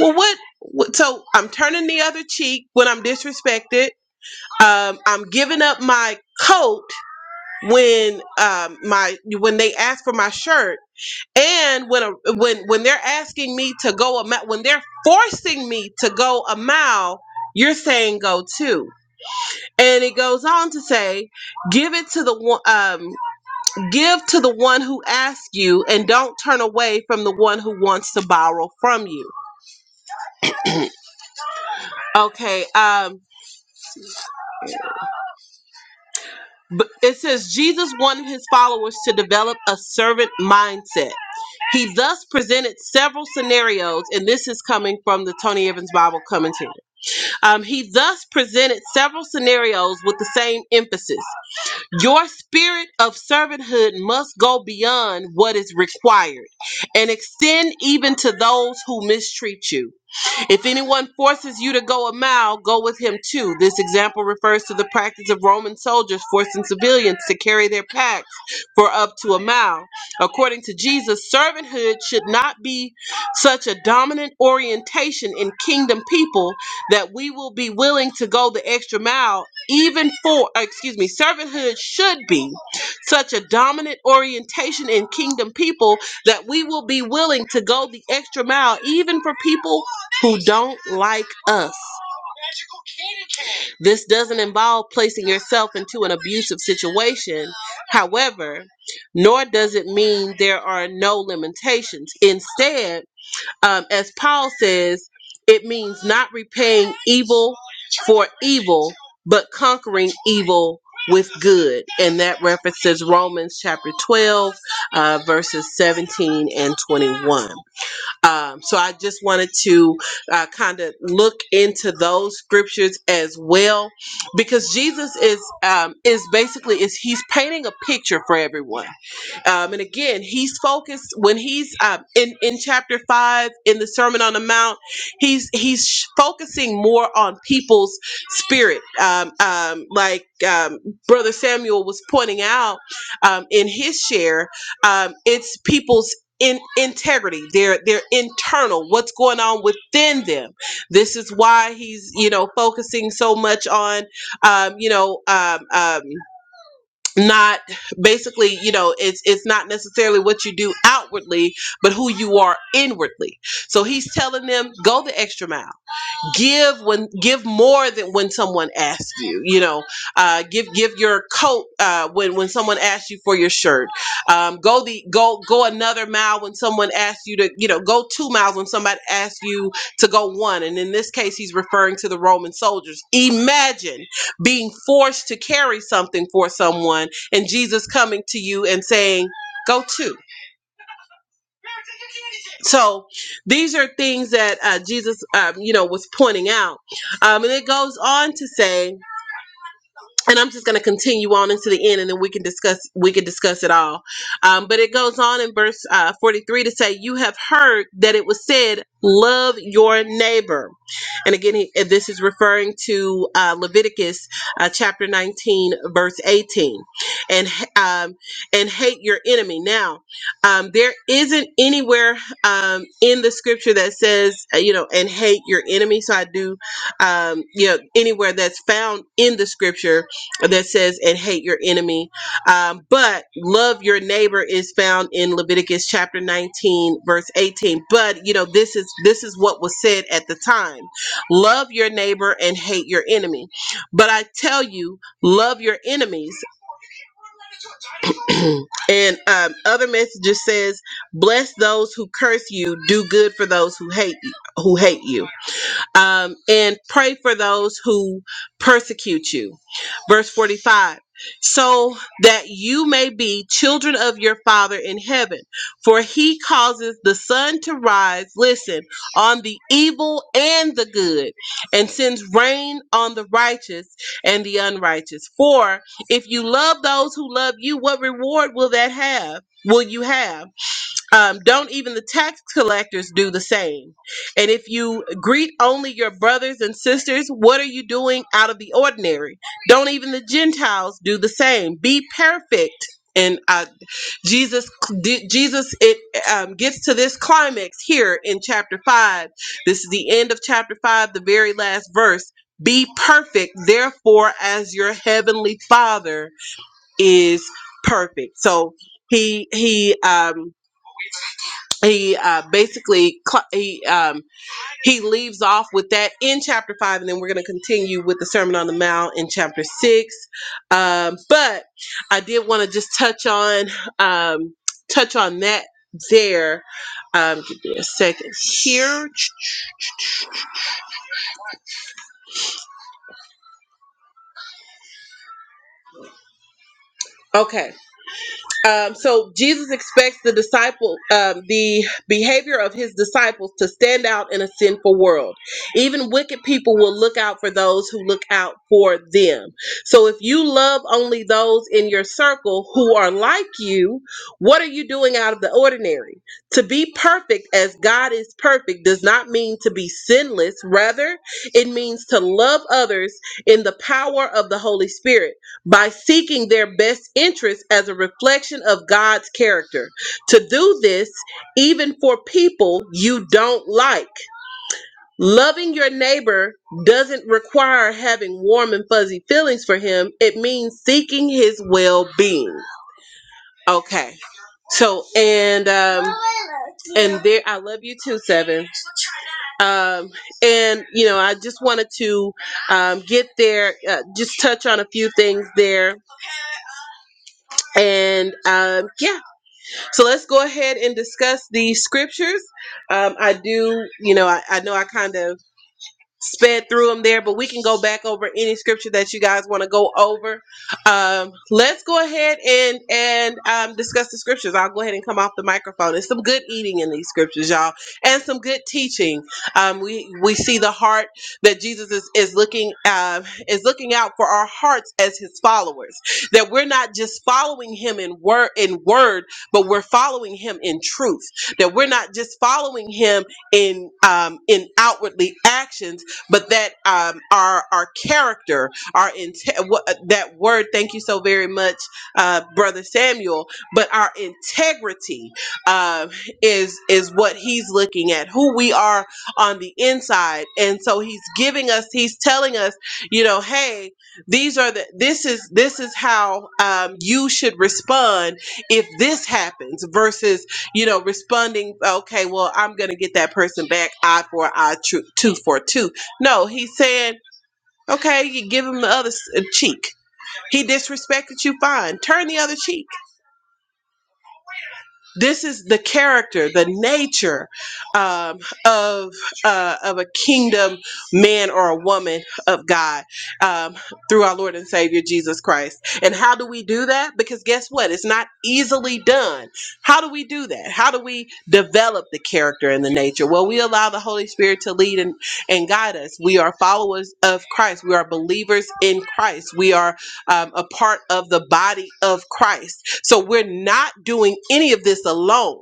S1: Well, what? what so I'm turning the other cheek when I'm disrespected. Um, I'm giving up my coat when um, my when they ask for my shirt, and when a, when when they're asking me to go a mile, when they're forcing me to go a mile, you're saying go two And it goes on to say, "Give it to the one, um, give to the one who asks you, and don't turn away from the one who wants to borrow from you." Okay. Um, but it says Jesus wanted his followers to develop a servant mindset. He thus presented several scenarios, and this is coming from the Tony Evans Bible commentary. Um, he thus presented several scenarios with the same emphasis. Your spirit of servanthood must go beyond what is required and extend even to those who mistreat you. If anyone forces you to go a mile, go with him too. This example refers to the practice of Roman soldiers forcing civilians to carry their packs for up to a mile. According to Jesus, servanthood should not be such a dominant orientation in kingdom people that we will be willing to go the extra mile even for uh, excuse me servanthood should be such a dominant orientation in kingdom people that we will be willing to go the extra mile even for people who don't like us. This doesn't involve placing yourself into an abusive situation, however, nor does it mean there are no limitations. Instead, um, as Paul says, it means not repaying evil for evil, but conquering evil with good. And that references Romans chapter 12, uh, verses 17 and 21. Um, so I just wanted to uh, kind of look into those scriptures as well, because Jesus is um, is basically is he's painting a picture for everyone. Um, and again, he's focused when he's um, in in chapter five in the Sermon on the Mount. He's he's sh- focusing more on people's spirit, um, um, like um, Brother Samuel was pointing out um, in his share. Um, it's people's in integrity their their internal what's going on within them this is why he's you know focusing so much on um you know um, um not basically you know it's it's not necessarily what you do outwardly but who you are inwardly so he's telling them go the extra mile give when give more than when someone asks you you know uh, give give your coat uh, when when someone asks you for your shirt um, go the go go another mile when someone asks you to you know go two miles when somebody asks you to go one and in this case he's referring to the roman soldiers imagine being forced to carry something for someone and jesus coming to you and saying go two." So these are things that uh, Jesus, um, you know, was pointing out, um, and it goes on to say and I'm just going to continue on into the end, and then we can discuss we can discuss it all. Um, but it goes on in verse uh, 43 to say, "You have heard that it was said, love your neighbor," and again, he, this is referring to uh, Leviticus uh, chapter 19, verse 18, and um, and hate your enemy. Now, um, there isn't anywhere um, in the scripture that says uh, you know and hate your enemy. So I do um, you know anywhere that's found in the scripture that says, and hate your enemy. Um, but love your neighbor is found in Leviticus chapter 19, verse 18. But you know, this is this is what was said at the time. Love your neighbor and hate your enemy. But I tell you, love your enemies. and um, other messages says, bless those who curse you, do good for those who hate you, who hate you. Um, and pray for those who persecute you. Verse 45 so that you may be children of your Father in heaven, for he causes the sun to rise, listen, on the evil and the good, and sends rain on the righteous and the unrighteous. For if you love those who love you, what reward will that have? Will you have? Um, don't even the tax collectors do the same. And if you greet only your brothers and sisters, what are you doing out of the ordinary? Don't even the Gentiles do the same. Be perfect. And uh, Jesus, di- Jesus, it um, gets to this climax here in chapter five. This is the end of chapter five, the very last verse. Be perfect, therefore, as your heavenly Father is perfect. So he he um he uh, basically cl- he um, he leaves off with that in chapter five, and then we're going to continue with the Sermon on the Mount in chapter six. Um, but I did want to just touch on um, touch on that there. Um, give me a second here. Okay, Um, so Jesus expects the disciple, um, the behavior of his disciples to stand out in a sinful world. Even wicked people will look out for those who look out for them. So if you love only those in your circle who are like you, what are you doing out of the ordinary? To be perfect as God is perfect does not mean to be sinless. Rather, it means to love others in the power of the Holy Spirit by seeking their best interests as a reflection of God's character. To do this, even for people you don't like. Loving your neighbor doesn't require having warm and fuzzy feelings for him, it means seeking his well being. Okay. So, and, um, and there, I love you too, Seven. Um, and, you know, I just wanted to um, get there, uh, just touch on a few things there And um, yeah, so let's go ahead and discuss the scriptures. Um, I do, you know, I, I know I kind of sped through them there, but we can go back over any scripture that you guys want to go over. Um, let's go ahead and and um, discuss the scriptures. I'll go ahead and come off the microphone. It's some good eating in these scriptures, y'all, and some good teaching. Um, we we see the heart that Jesus is is looking um, is looking out for our hearts as His followers. That we're not just following Him in word in word, but we're following Him in truth. That we're not just following Him in um, in outwardly actions but that um, our our character, our inte- wha- that word. Thank you so very much, uh, brother Samuel. But our integrity uh, is is what he's looking at, who we are on the inside, and so he's giving us, he's telling us, you know, hey, these are the this is this is how um, you should respond if this happens versus you know responding okay well i'm gonna get that person back eye for an eye tru- tooth for a tooth no, he said, okay, you give him the other s- uh, cheek. He disrespected you, fine. Turn the other cheek. This is the character, the nature um, of uh, of a kingdom man or a woman of God um, through our Lord and Savior Jesus Christ. And how do we do that? Because guess what? It's not easily done. How do we do that? How do we develop the character and the nature? Well, we allow the Holy Spirit to lead and, and guide us. We are followers of Christ. We are believers in Christ. We are um, a part of the body of Christ so we're not doing any of this alone.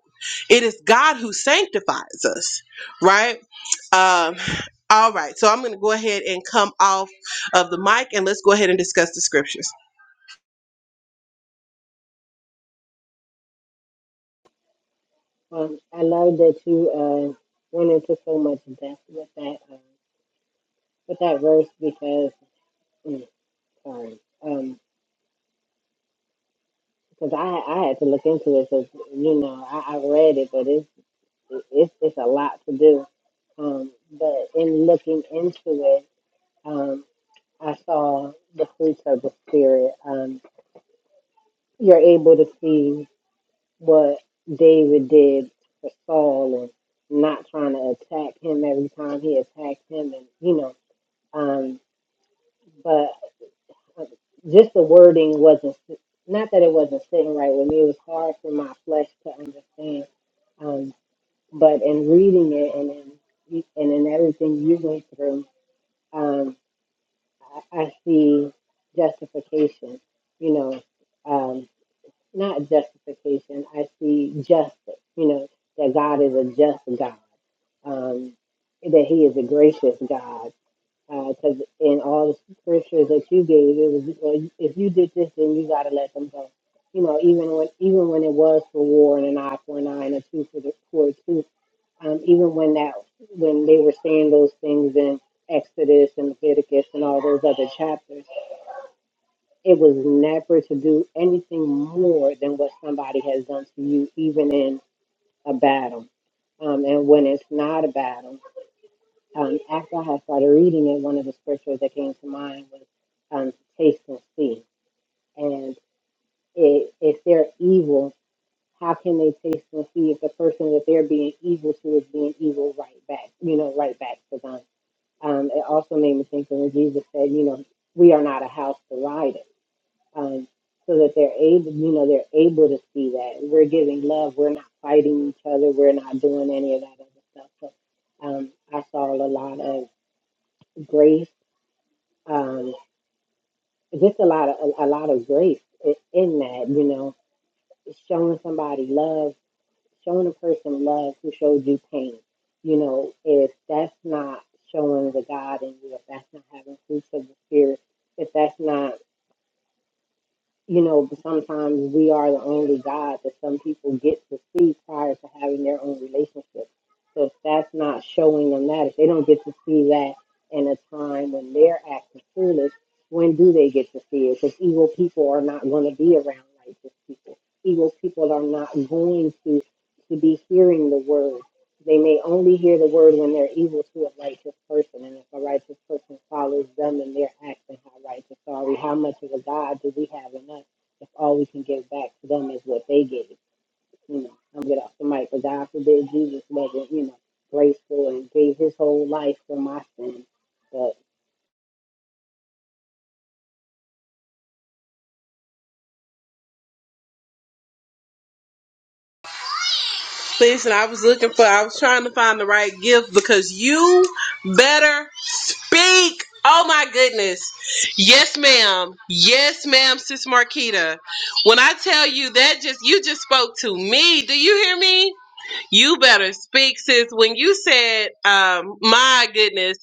S1: It is God who sanctifies us, right? Um, all right, so I'm going to go ahead and come off of the mic and let's go ahead and discuss the scriptures.
S5: um, I love that you uh, went into so much depth with that um, with that verse because mm, sorry, um, because I I had to look into it because you know I, I read it, but it's it, it's it's a lot to do. Um, but in looking into it, um, I saw the fruits of the spirit. Um, you're able to see what David did for Saul and not trying to attack him every time he attacked him, and you know, um, but uh, just the wording wasn't not that it wasn't sitting right with me. It was hard for my flesh to understand. um, but in reading it and in and in everything you went through, um, I, I see justification. You know, um, not justification. I see justice. You know, that God is a just God. Um, that He is a gracious God. Because in all the scriptures that you gave, it was well, if you did this, then you got to let them go. You know, even when even when it was for war and an eye for an eye and a two for the for a two um, even when that when they were saying those things in Exodus and Leviticus and all those other chapters, it was never to do anything more than what somebody has done to you, even in a battle. Um, and when it's not a battle, um, after I had started reading it, one of the scriptures that came to mind was um, taste and see. And it, if they're evil, how can they taste and see if the person that they're being evil to is being evil right back, you know, right back to them? Um, it also made me think of when Jesus said, you know, we are not a house divided. Um, so that they're able, you know, they're able to see that we're giving love. We're not fighting each other. We're not doing any of that other stuff. So um, I saw a lot of grace, um, just a lot of a, a lot of grace i- in that, you know, showing somebody love showing a person love who showed you pain. You know, if that's not showing the God in you, if that's not having fruits of the Spirit, if that's not you know, but sometimes we are the only God that some people get to see prior to having their own relationship. So if that's not showing them that, if they don't get to see that in a time when they're acting foolish, when do they get to see it? Because evil people are not going to be around righteous people. Evil people are not going to to be hearing the word. They may only hear the word when they're evil to a righteous person, and if a righteous person follows them in their acts and how righteous are we? How much of a God do we have in us if all we can give back to them is what they gave? You know, I'm get off the mic, but God forbid Jesus wasn't, you know, graceful and gave his whole life for my sins. But
S1: Listen, I was looking for, I was trying to find the right gift because you better speak. Oh my goodness. Yes, ma'am. Yes, ma'am, Sis Marquita. When I tell you that just, you just spoke to me. Do you hear me? You better speak, sis. When you said, um, my goodness,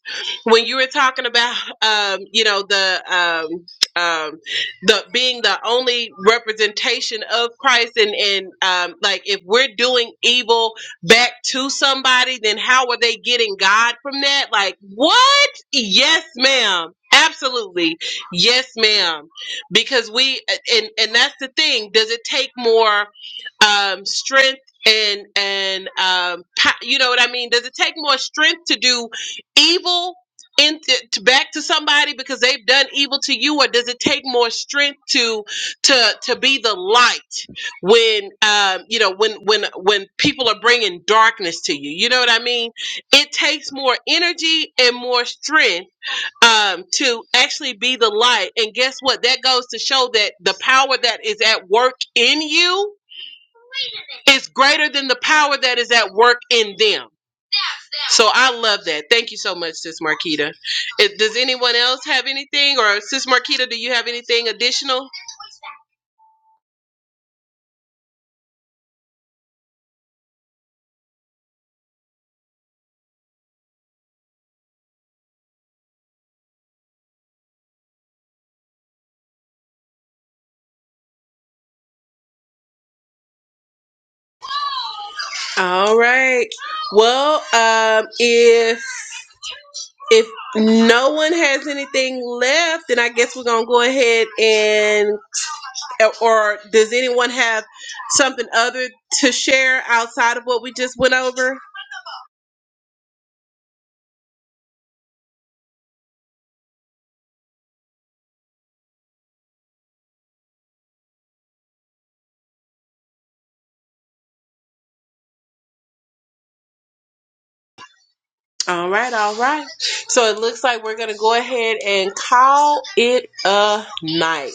S1: when you were talking about, um, you know, the, um, um, the being the only representation of Christ, and and um, like if we're doing evil back to somebody, then how are they getting God from that? Like what? Yes, ma'am. Absolutely. Yes, ma'am. Because we and and that's the thing. Does it take more? um, strength and and um pa- you know what i mean does it take more strength to do evil into to back to somebody because they've done evil to you or does it take more strength to to to be the light when um you know when when when people are bringing darkness to you you know what i mean it takes more energy and more strength um to actually be the light and guess what that goes to show that the power that is at work in you it's greater than the power that is at work in them. So I love that. Thank you so much, Sis Marquita. Is- Does anyone else have anything? Or Sis Marquita, do you have anything additional? All right. Well, um, if if no one has anything left, then I guess we're gonna go ahead and or does anyone have something other to share outside of what we just went over? All right, all right. So it looks like we're gonna go ahead and call it a night.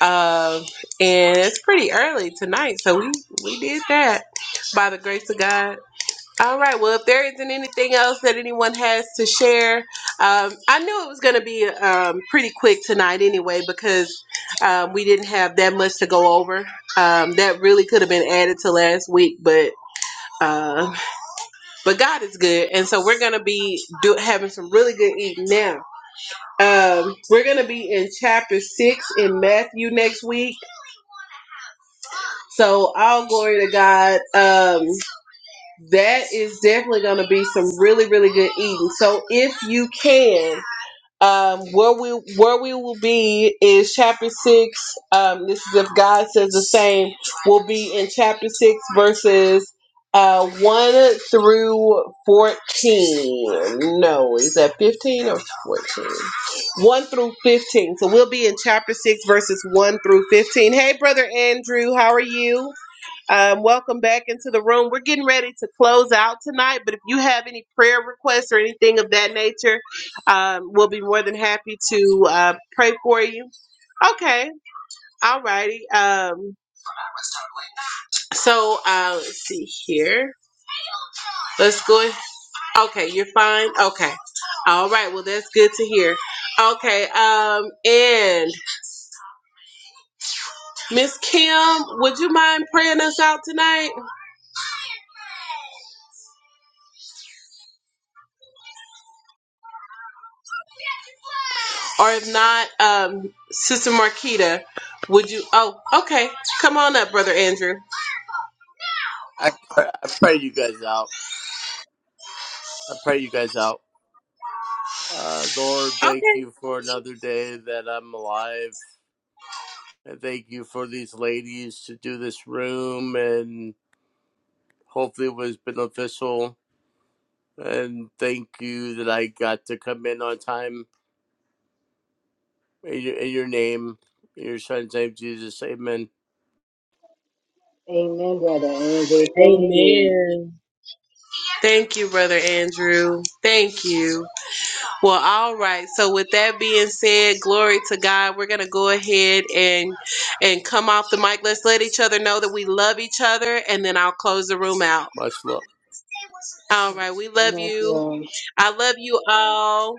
S1: Um, and it's pretty early tonight, so we we did that by the grace of God. All right. Well, if there isn't anything else that anyone has to share, um, I knew it was going to be um, pretty quick tonight anyway because um, we didn't have that much to go over. Um, that really could have been added to last week, but uh, but God is good, and so we're gonna be do, having some really good eating now. Um, we're gonna be in chapter six in Matthew next week. So all glory to God. Um, that is definitely gonna be some really really good eating. So if you can. um, where we where we will be is chapter six. Um, this is if God says the same. We'll be in chapter six, verses uh, one through fourteen. No, is that fifteen or fourteen? One through fifteen. So we'll be in chapter six, verses one through fifteen. Hey, brother Andrew, how are you? Um, welcome back into the room. We're getting ready to close out tonight, but if you have any prayer requests or anything of that nature, um, we'll be more than happy to uh, pray for you. Okay, all righty. Um, so uh, let's see here. Let's go. Okay, you're fine. Okay, all right. Well, that's good to hear. Okay, um, and Miss Kim, would you mind praying us out tonight? Or if not, um, Sister Marquita, would you? Oh, okay. Come on up, Brother Andrew.
S7: I pray, I pray you guys out. I pray you guys out. Uh, Lord, thank
S1: Okay.
S7: you for another day that I'm alive. And thank you for these ladies to do this room and hopefully it was beneficial. And thank you that I got to come in on time in your, in your name, in your son's name, Jesus. Amen.
S5: amen, brother Andrew. Thank you.
S1: Amen. Thank you, Brother Andrew. Thank you. Well, all right. So, with that being said, glory to God. We're gonna go ahead and and come off the mic. Let's let each other know that we love each other, and then I'll close the room out.
S7: Much love.
S1: All right. We love
S5: Love
S1: you.
S5: you
S1: I love you all.